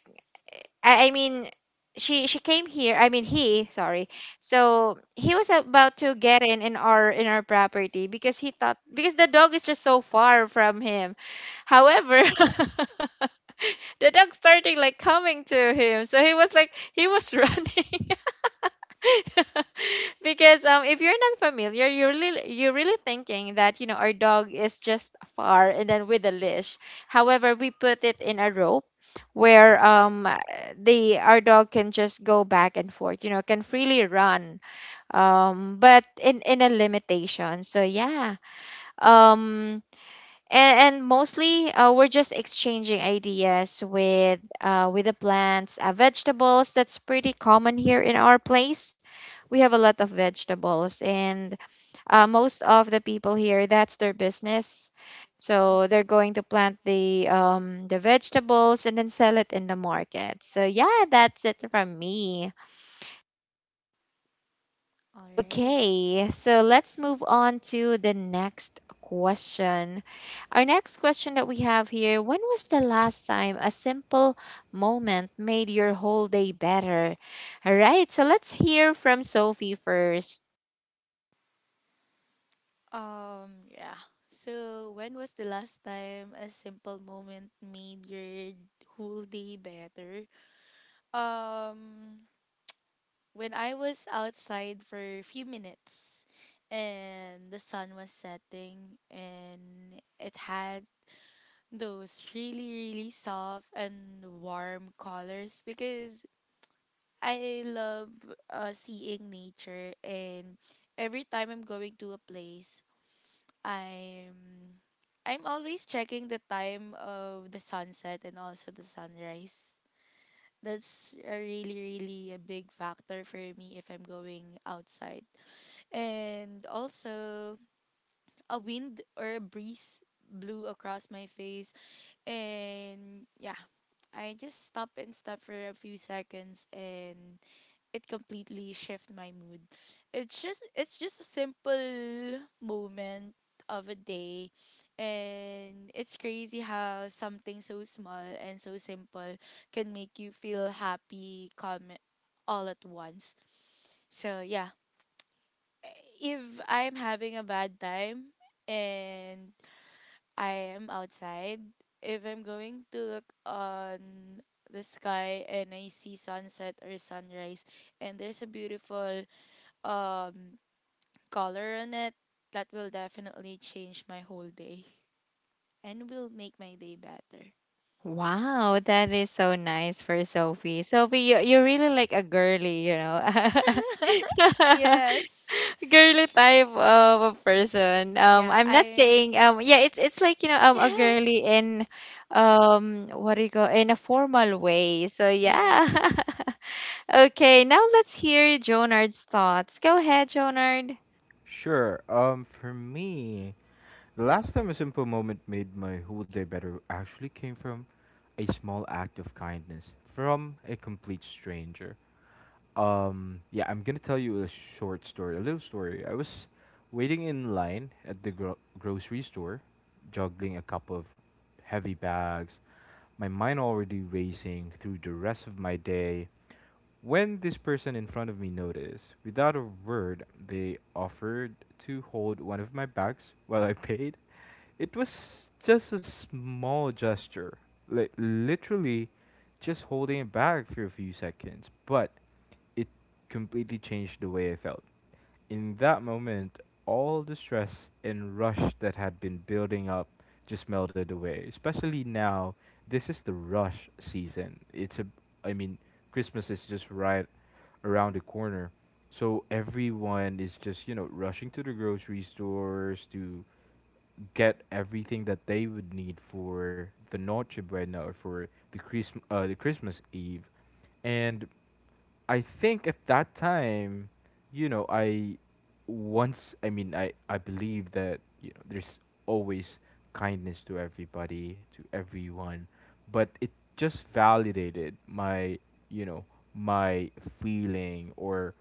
Speaker 1: I mean she came here, I mean he, sorry. So he was about to get in our property because he thought because the dog is just so far from him. However, [laughs] the dog started like coming to him, so he was like he was [laughs] running. [laughs] Because if you're not familiar, you're really thinking that, you know, our dog is just far and then with a leash. However, we put it in a rope where the our dog can just go back and forth, you know, can freely run, but in a limitation. So yeah. um and mostly we're just exchanging ideas with the plants, vegetables, that's pretty common here in our place. We have a lot of vegetables, and most of the people here, that's their business. So they're
Speaker 2: Hmm.
Speaker 1: going to plant the vegetables and then sell it in the market. So yeah, that's it from me.
Speaker 2: All right.
Speaker 1: Okay, so let's move on to the next question. Our next question that we have here, when was the last time a simple moment made your whole day better? All right, so let's hear from Sophie first.
Speaker 2: Yeah. So, when was the last time a simple moment made your whole day better? Um, when I was outside for a few minutes and the sun was setting, and it had those really really soft and warm colors, because I love uh seeing nature, and every time I'm going to a place, I'm I'm always checking the time of the sunset and also the sunrise. That's a really really a big factor for me if I'm going outside. And also a wind or a breeze blew across my face, and yeah, I just stop for a few seconds, and it completely shift my mood. It's just a simple moment of a day, and it's crazy how something so small and so simple can make you feel happy, calm, all at once. So yeah, if I'm having a bad time and I am outside, if I'm going to look on the sky and I see sunset or sunrise, and there's a beautiful um color on it, that will definitely change my whole day and will make my day better.
Speaker 1: Wow, that is so nice for Sophie. Sophie, you, you're really like a girly, you know.
Speaker 2: [laughs]
Speaker 1: [laughs]
Speaker 2: Yes.
Speaker 1: Girly type of a person.
Speaker 2: Yeah,
Speaker 1: I'm not
Speaker 2: I.
Speaker 1: saying yeah, it's like you know a
Speaker 2: [laughs]
Speaker 1: girly in, what do you call in a formal way. So yeah,
Speaker 2: Yes.
Speaker 1: [laughs] okay. Now let's hear Jonard's thoughts. Go ahead, Jonard.
Speaker 3: Sure. For me, the last time a simple moment made my whole day better actually came from a small act of kindness from a complete stranger. Yeah, I'm gonna tell you a short story, a little story. I was waiting in line at the grocery store, juggling a couple of heavy bags. My mind already racing through the rest of my day, when this person in front of me noticed, without a word, they offered to hold one of my bags while I paid. It was just a small gesture, like literally just holding it back for a few seconds, but it completely changed the way I felt. In that moment, all the stress and rush that had been building up just melted away. Especially now, this is the rush season. It's a, I mean, Christmas is just right around the corner. So everyone is just, you know, rushing to the grocery stores, to get everything that they would need for the Noche Buena or for the Christmas Eve, and I think at that time, you know, I mean I believe that you know there's always kindness to everybody, to everyone, but it just validated my, you know, my feeling or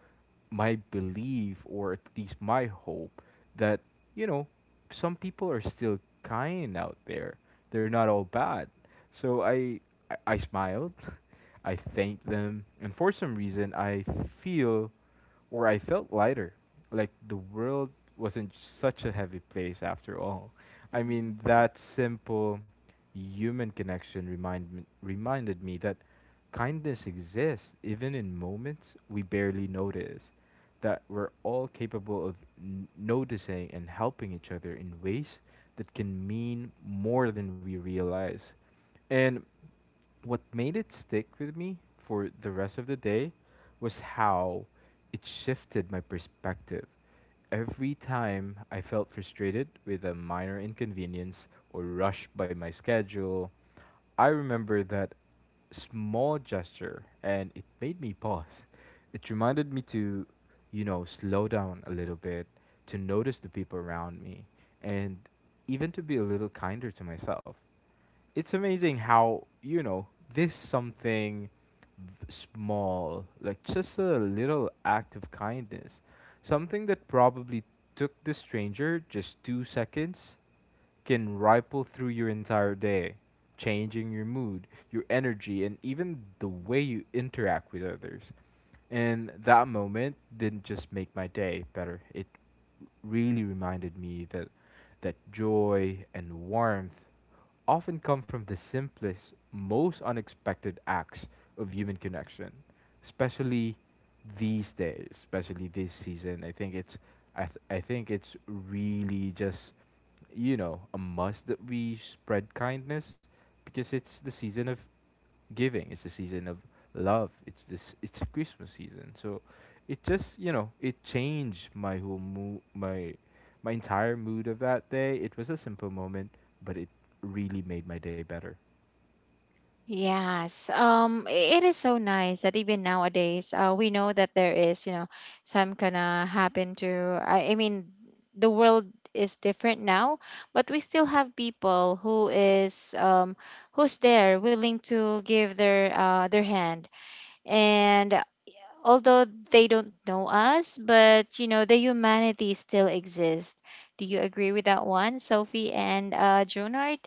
Speaker 3: my belief, or at least my hope that you know some people are still kind out there, they're not all bad. So I smiled, [laughs] I thanked them, and for some reason I feel or I felt lighter, like the world wasn't such a heavy place after all. I mean,
Speaker 2: Hmm.
Speaker 3: that simple human connection reminded me that kindness exists even in moments we barely notice, that we're all capable of noticing and helping each other in ways that can mean more than we realize. And what made it stick with me for the rest of the day was how it shifted my perspective. Every time I felt frustrated with a minor inconvenience or rushed by my schedule, I remember that small gesture and it made me pause. It reminded me to, you know, slow down a little bit, to notice the people around me, and even to be a little kinder to myself. It's amazing how you know this something small, like just a little act of kindness, something that probably took the stranger just 2 seconds, can ripple through your entire day, changing your mood, your energy, and even the way you interact with others. And that moment didn't just make my day better, it really reminded me that that joy and warmth often come from the simplest, most unexpected acts of human connection, especially these days, especially this season. I think it's, I think it's really just you know a must that we spread kindness because it's the season of giving. It's the season of love. It's this. It's the Christmas season. So it just you know it changed my whole mood, my entire mood of that day. It was a simple moment, but it really made my day better.
Speaker 1: Yes, it is so nice that even nowadays, we know that there is, you know, some kind of happen to. I mean, the world is different now, but we still have people who is, who's there willing to give their hand, and although they don't know us, but you know, the humanity still exists. Do you agree with that one, Sophie and Junard?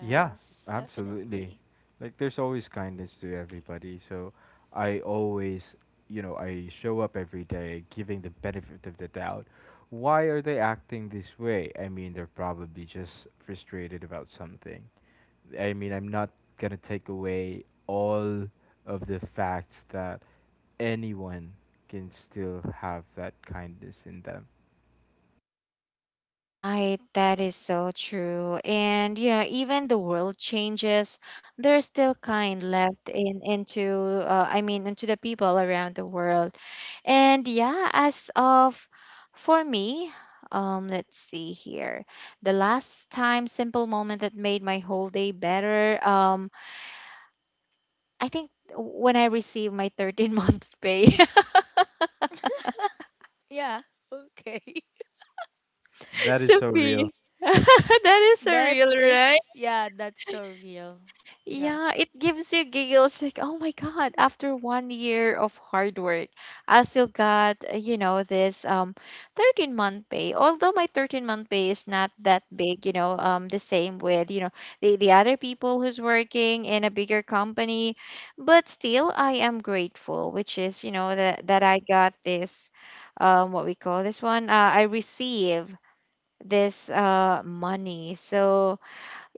Speaker 3: Yeah, absolutely.
Speaker 2: definitely.
Speaker 3: Like there's always kindness to everybody. So I always, you know, I show up every day giving the benefit of the doubt. Why are they acting this way? I mean, they're probably just frustrated about something. I mean, I'm not gonna take away all of the facts that anyone can still have that kindness in them.
Speaker 1: Right, that is so true. And you know, even the world changes, there's still kind left in into I mean into the people around the world. And yeah, as of for me, let's see here. The last time simple moment that made my whole day better, I think when I received my 13th month pay. [laughs]
Speaker 2: Yeah, okay. [laughs]
Speaker 3: That is so real.
Speaker 1: Sophie, [laughs] that is
Speaker 2: That
Speaker 1: surreal, right?
Speaker 2: is, yeah, that's so real. Yeah.
Speaker 1: Yeah, it gives you giggles like, oh my God, after 1 year of hard work, I still got, you know, this 13th month pay. Although my 13th month pay is not that big, you know, the same with, you know, the other people who's working in a bigger company, but still I am grateful, which is, you know, that that I got this what we call this one, I receive this money. So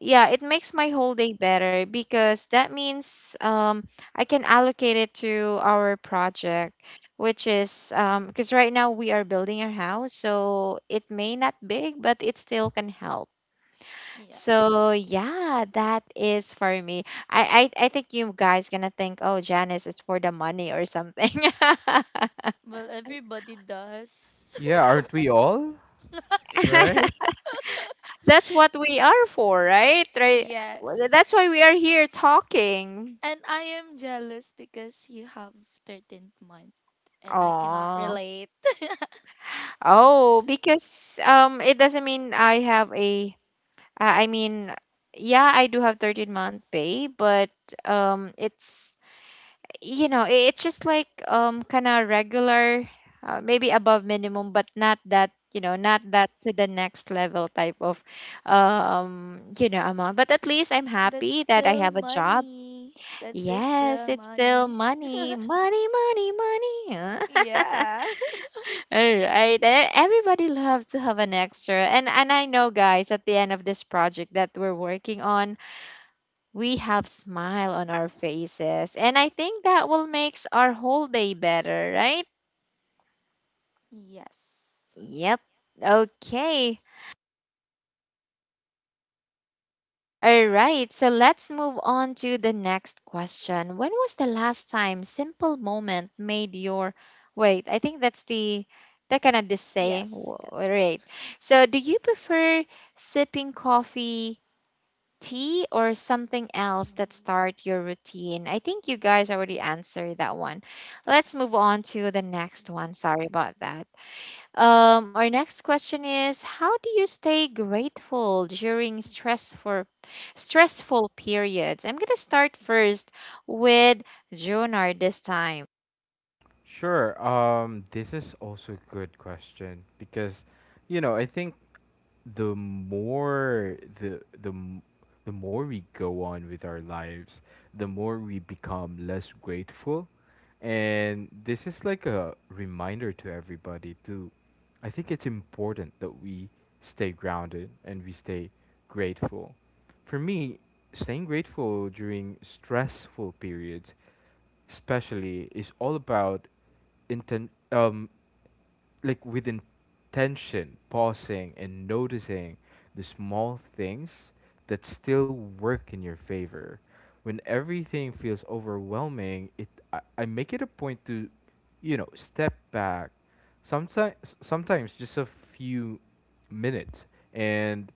Speaker 1: yeah, it makes my whole day better because that means I can allocate it to our project, which is because right now we are building our house, so it may not big but it still can help. So
Speaker 2: Yes.
Speaker 1: yeah, that is for me. I think you guys gonna think, oh, janice is for the money or something.
Speaker 2: Well, everybody does.
Speaker 3: Yeah, aren't we all? Right?
Speaker 1: [laughs] That's what we are for, right,
Speaker 2: [laughs]
Speaker 1: right. Well,
Speaker 2: Yes.
Speaker 1: that's why we are here talking.
Speaker 2: And I am jealous because you have 13th month and I cannot
Speaker 1: Oh.
Speaker 2: relate.
Speaker 1: Oh, because it doesn't mean I have a I mean yeah, I do have 13th month pay, but it's you know, it's just like kind of regular, maybe above minimum but not that, you know, not that to the next level type of you know, amount. But at least I'm
Speaker 2: That's
Speaker 1: happy that I
Speaker 2: still
Speaker 1: have a job.
Speaker 2: money. That is
Speaker 1: Yes,
Speaker 2: still
Speaker 1: it's still
Speaker 2: money.
Speaker 1: money, money, money, money. [laughs]
Speaker 2: Yeah.
Speaker 1: All right. And everybody loves to have an extra. And I know guys at the end of this project that we're working on, we have smile on our faces. And I think that will makes our whole day better, right?
Speaker 2: [laughs] Yes.
Speaker 1: Yep. Okay. All right. So let's move on to the next question. When was the last time simple moment made your, wait, I think that's the that kind of the say.
Speaker 2: Yes,
Speaker 1: All
Speaker 2: yes.
Speaker 1: right. So do you prefer sipping coffee, tea, or something else that start your routine? I think you guys already answered that one. Let's move
Speaker 2: Yes.
Speaker 1: on to the next one. Sorry about that. Our next question is how do you stay grateful during stressful periods? I'm gonna start first with Jonar this time.
Speaker 3: Sure. This is also a good question because, you know, I think the more the m- the more we go on with our lives, the more we become less grateful. And this is like a reminder to everybody too. I think it's important that we stay grounded and we stay grateful. For me, staying grateful during stressful periods especially is all about inten- um like with intention pausing and noticing the small things that still work in your favor when everything feels overwhelming. I make it a point to you know step back, sometimes, sometimes just a few minutes, and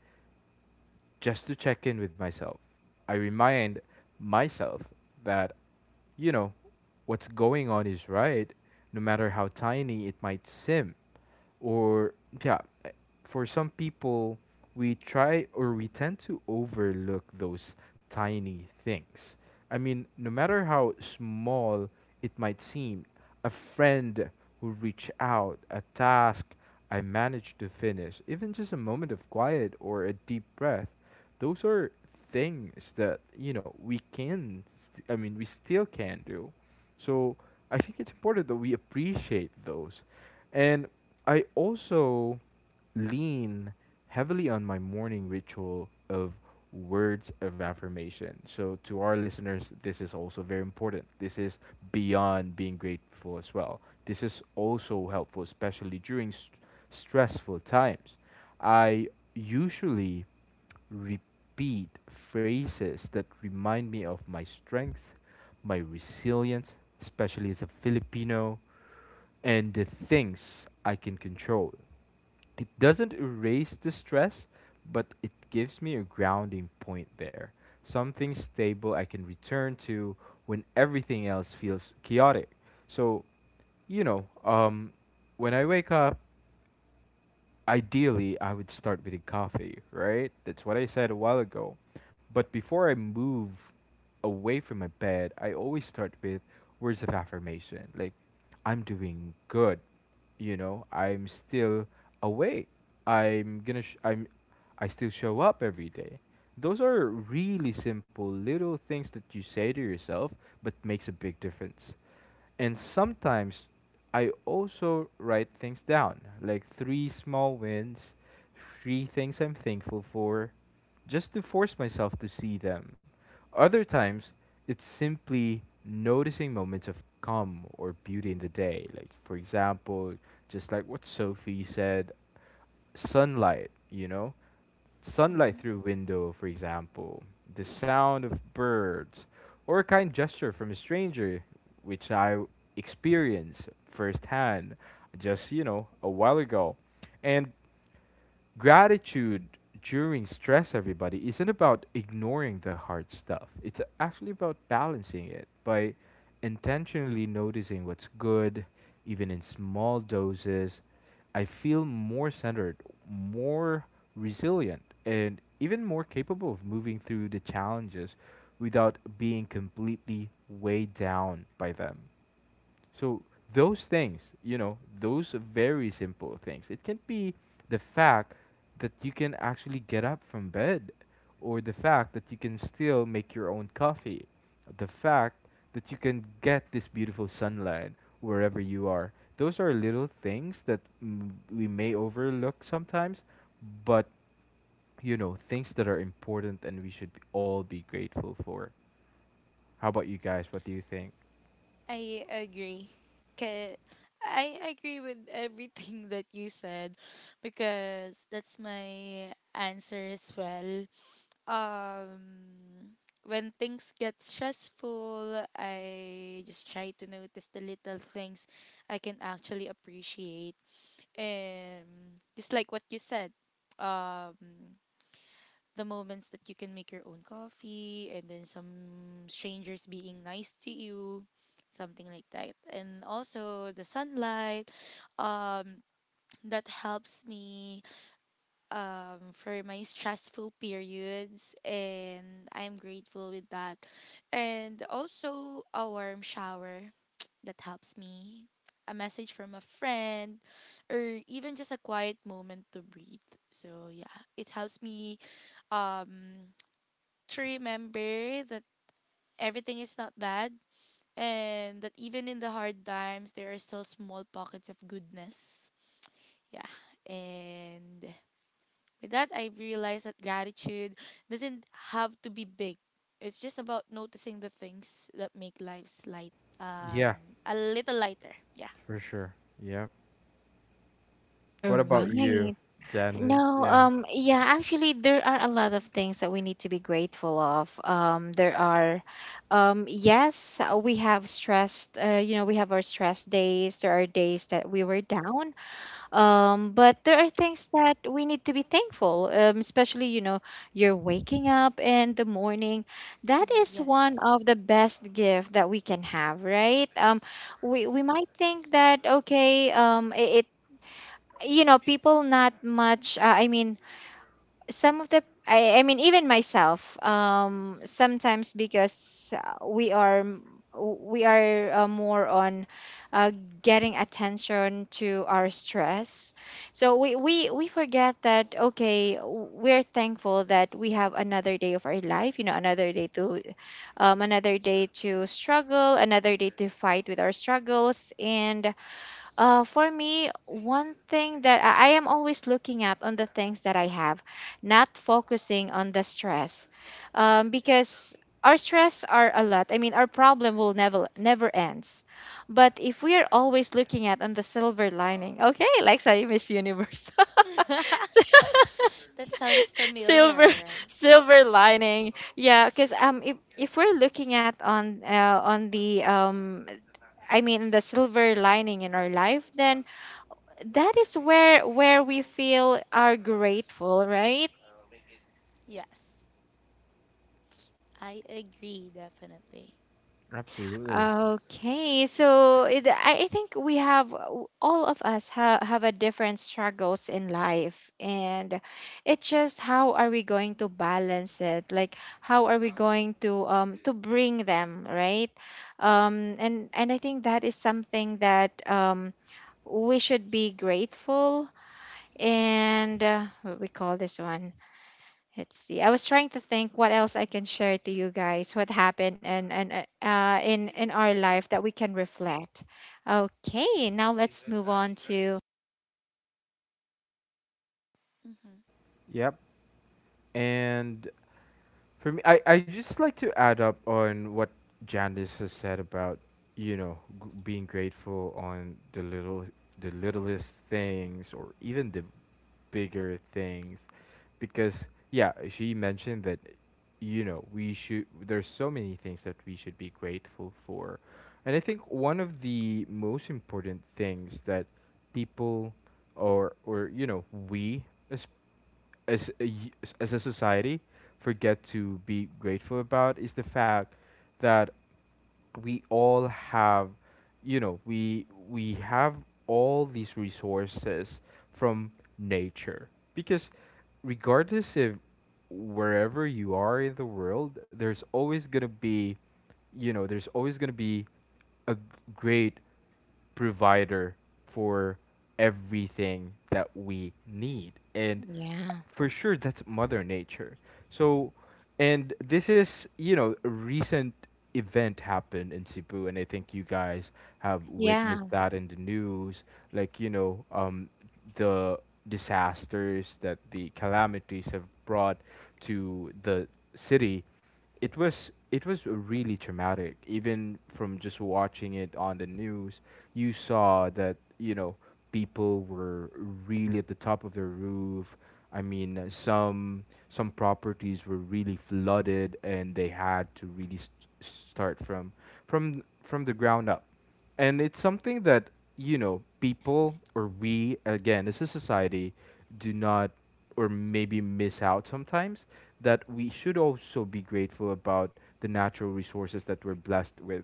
Speaker 3: just to check in with myself. I remind myself that, you know, what's going on is right, no matter how tiny it might seem. Or, yeah, for some people, we try or we tend to overlook those tiny things. I mean, no matter how small it might seem, a friend who reached out, a task I managed to finish, even just a moment of quiet or a deep breath, those are things that, you know, I mean, we still can do. So I think it's important that we appreciate those. And I also lean heavily on my morning ritual of words of affirmation. So to our listeners, this is also very important. This is beyond being grateful as well. This is also helpful, especially during stressful times. I usually repeat phrases that remind me of my strength, my resilience, especially as a Filipino, and the things I can control. It doesn't erase the stress, but it gives me a grounding point there. Something stable I can return to when everything else feels chaotic. So, you know, um, when I wake up, ideally I would start with a coffee, right? That's what I said a while ago. But before I move away from my bed, I always start with words of affirmation. Like, I'm doing good, you know, I'm still awake. I'm gonna, sh- I'm, I still show up every day. Those are really simple little things that you say to yourself, but makes a big difference. And sometimes I also write things down, like three small wins, three things I'm thankful for, just to force myself to see them. Other times, it's simply noticing moments of calm or beauty in the day. Like, for example, just like what Sophie said, sunlight, you know? Sunlight
Speaker 2: Hmm.
Speaker 3: through window, for example, the sound of birds, or a kind gesture from a stranger, which I experienced firsthand just, you know, a while ago. And gratitude during stress everybody isn't about ignoring the hard stuff, it's actually about balancing it by intentionally noticing what's good even in small doses. I feel more centered, more resilient, and even more capable of moving through the challenges without being completely weighed down by them. So those things, you know, those very simple things. It can be the fact that you can actually get up from bed, or the fact that you can still make your own coffee, the fact that you can get this beautiful sunlight wherever you are. Those are little things that we may overlook sometimes, but you know, things that are important and we should be all be grateful for. How about you guys? What do you think?
Speaker 2: I agree. 'Kay, I agree with everything [laughs] that you said, because that's my answer as well. Um, when things get stressful, I just try to notice the little things I can actually appreciate. And just like what you said, um, the moments that you can make your own coffee, and then some strangers being nice to you, something like that. And also the sunlight, um, that helps me for my stressful periods, and I'm grateful with that. And also a warm shower that helps me. A message from a friend, or even just a quiet moment to breathe. So yeah, it helps me um to remember that everything is not bad, and that even in the hard times there are still small pockets of goodness. Yeah. And with that, I realized that gratitude doesn't have to be big. It's just about noticing the things that make lives light,
Speaker 3: Yeah,
Speaker 2: a little lighter. Yeah.
Speaker 3: for sure. Yeah.
Speaker 1: All
Speaker 3: What about you,
Speaker 1: right.
Speaker 3: Janice?
Speaker 1: No,
Speaker 3: Yeah.
Speaker 1: yeah, actually, there are a lot of things that we need to be grateful of. There are, yes, we have stressed, you know, we have our stress days. There are days that we were down. But there are things that we need to be thankful, especially, you know, you're waking up in the morning. That is one
Speaker 2: Yes.
Speaker 1: of the best gift that we can have, right? We might think that, okay, it, it, you know, people not much, I mean, some of the I mean even myself sometimes because we are more on uh, getting attention to our stress. So we forget that okay we're thankful that we have another day of our life, you know, another day to struggle, another day to fight with our struggles. And for me, one thing that I am always looking at on the things that I have, not focusing on the stress, because our stress are a lot. I mean, our problem will never never ends. But if we are always looking at on the silver lining, okay, [laughs] like say Miss Universe.
Speaker 2: [laughs]
Speaker 1: [laughs]
Speaker 2: That sounds
Speaker 1: silver
Speaker 2: familiar.
Speaker 1: Silver lining, yeah. Because if we're looking at on the I mean the silver lining in our life, then that is where we feel are grateful, right?
Speaker 2: Yes, I agree definitely.
Speaker 3: Absolutely.
Speaker 1: Okay, so it, I think we have all of us have a different struggles in life, and it's just how are we going to balance it, like how are we going to bring them right. And I think that is something that we should be grateful. And what we call this one. Let's see. I was trying to think what else I can share to you guys. What happened and in our life that we can reflect. Okay, now let's move on to
Speaker 2: Mm-hmm.
Speaker 3: Yep. And for me, I just like to add up on what Janice has said about, you know, being grateful on the little, the littlest things, or even the bigger things, because yeah, she mentioned that, you know, we should, there's so many things that we should be grateful for, and I think one of the most important things that people, or you know, we as as a society forget to be grateful about is the fact that we all have, you know, we have all these resources from nature, because regardless if wherever you are in the world, there's always going to be, you know, there's always going to be a g- great provider for everything that we need. And
Speaker 1: yeah,
Speaker 3: for sure, that's Mother Nature. So, and this is, you know, a recent event happened in Cebu, and I think you guys have witnessed
Speaker 1: yeah,
Speaker 3: that in the news. Like, you know, the disasters that the calamities have brought to the city, it was really traumatic. Even from just watching it on the news, you saw that, you know, people were really at the top of their roof. Some properties were really flooded and they had to really start from the ground up. And it's something that, you know, people, or we again as a society, do not, or maybe miss out sometimes, that we should also be grateful about the natural resources that we're blessed with,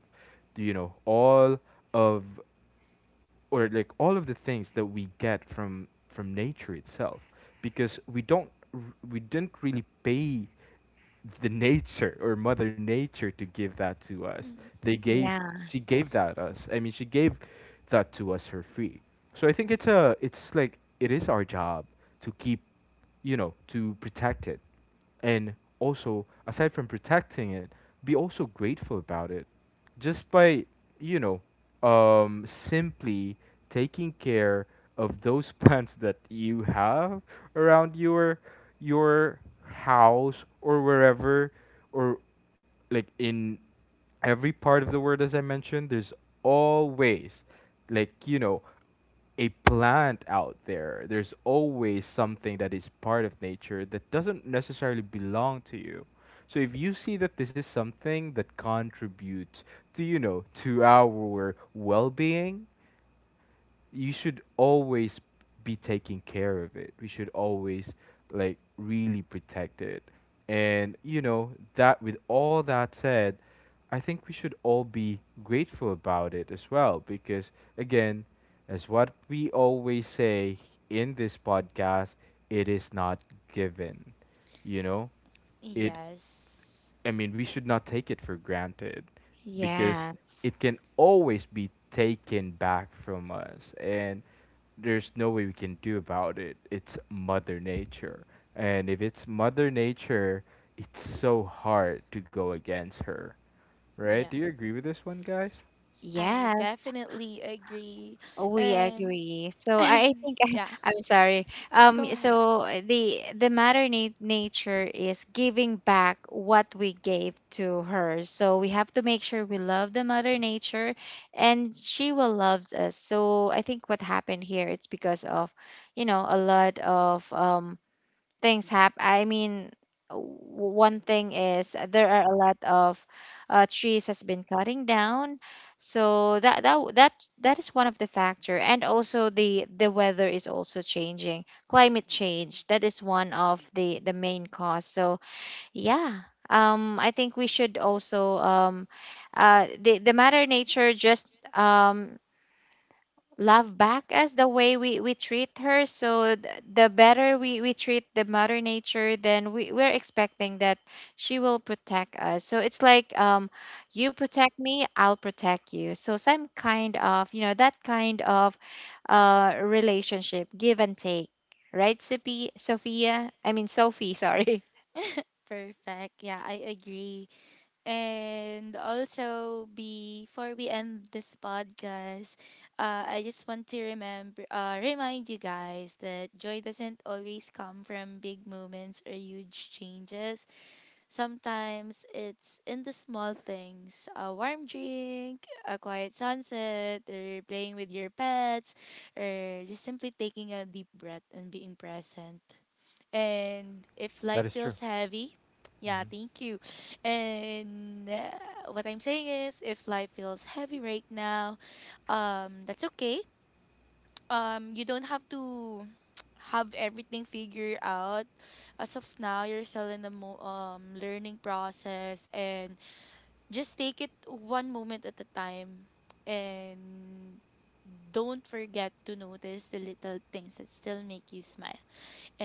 Speaker 3: you know, all of, or like all of the things that we get from nature itself, because we don't r- we didn't really pay the nature or mother nature to give that to us. They
Speaker 2: Mm-hmm.
Speaker 3: gave
Speaker 1: yeah.
Speaker 3: She gave that us, I mean she gave that to us for free. So I think it's a, it's like it is our job to keep, you know, to protect it, and also aside from protecting it, be also grateful about it, just by, you know, simply taking care of those [laughs] plants that you have around your your house or wherever, or like in every part of the world, as I mentioned, there's always, like, you know, a plant out there. There's always something that is part of nature that doesn't necessarily belong to you. So if you see that this is something that contributes to, you know, to our well being, you should always be taking care of it. We should always, like, really protect it. And you know, that with all that said, I think we should all be grateful about it as well because again, as what we always say in this podcast, it is not given, you know, it
Speaker 2: Yes.
Speaker 3: I mean we should not take it for granted, because
Speaker 1: Yes,
Speaker 3: it can always be taken back from us, and there's no way we can do about it. It's mother nature, and if it's mother nature, it's so hard to go against her, right?
Speaker 2: Yeah.
Speaker 3: Do you agree with this one, guys?
Speaker 2: I
Speaker 1: yes.
Speaker 2: definitely agree.
Speaker 1: We
Speaker 2: And
Speaker 1: agree.
Speaker 2: [laughs]
Speaker 1: So I
Speaker 2: and
Speaker 1: think [laughs]
Speaker 2: yeah,
Speaker 1: I'm sorry.
Speaker 2: go
Speaker 1: So
Speaker 2: ahead.
Speaker 1: the nature is giving back what we gave to her. So we have to make sure we love the mother nature, and she will loves us. So I think what happened here, it's because of, you know, a lot of things happen. I mean, one thing is there are a lot of trees has been cutting down, so that that is one of the factor, and also the weather is also changing, climate change. That is one of the main cause. So yeah. I think we should also the matter nature just um, love back as the way we treat her. So the better we treat the mother nature, then we, we're expecting that she will protect us. So it's like you protect me, I'll protect you. So some kind of, you know, that kind of relationship, give and take. Right, Sophie, Sophia? I mean Sophie, [laughs] sorry.
Speaker 2: Perfect. Yeah, I agree. And also, before we end this podcast, I just want to remember, remind you guys that joy doesn't always come from big moments or huge changes. Sometimes it's in the small things, a warm drink, a quiet sunset, or playing with your pets, or just simply taking a deep breath and being present. And if
Speaker 3: That
Speaker 2: life
Speaker 3: is true.
Speaker 2: feels heavy, yeah,
Speaker 3: Hmm.
Speaker 2: thank you. And what I'm saying is, if life feels heavy right now, that's okay. You don't have to [tsk] have everything figured out. As of now, you're still in the learning process, and just take it one moment at a time. And don't forget to notice the little things that still make you smile.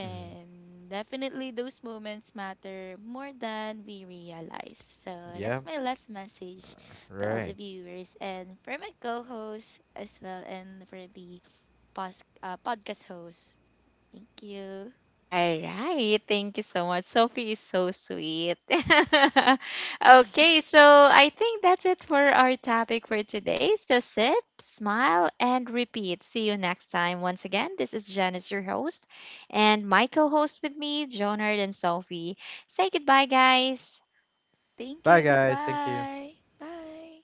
Speaker 3: Hmm.
Speaker 2: definitely, those moments matter more than we realize. So,
Speaker 3: Yeah.
Speaker 2: that's my last message to all the
Speaker 3: Right.
Speaker 2: viewers and for my co host as well, and for the podcast host. Thank you.
Speaker 1: All right. Thank you so much. Sophie is so sweet. [laughs] Okay, so I think that's it for our topic for today. So sip, smile, and repeat. See you next time. Once again, this is Janice, your host, and my co host with me, Jonard and Sophie. Say goodbye, guys.
Speaker 2: Thank
Speaker 3: Bye
Speaker 2: you.
Speaker 3: guys, thank you.
Speaker 2: Goodbye. Bye.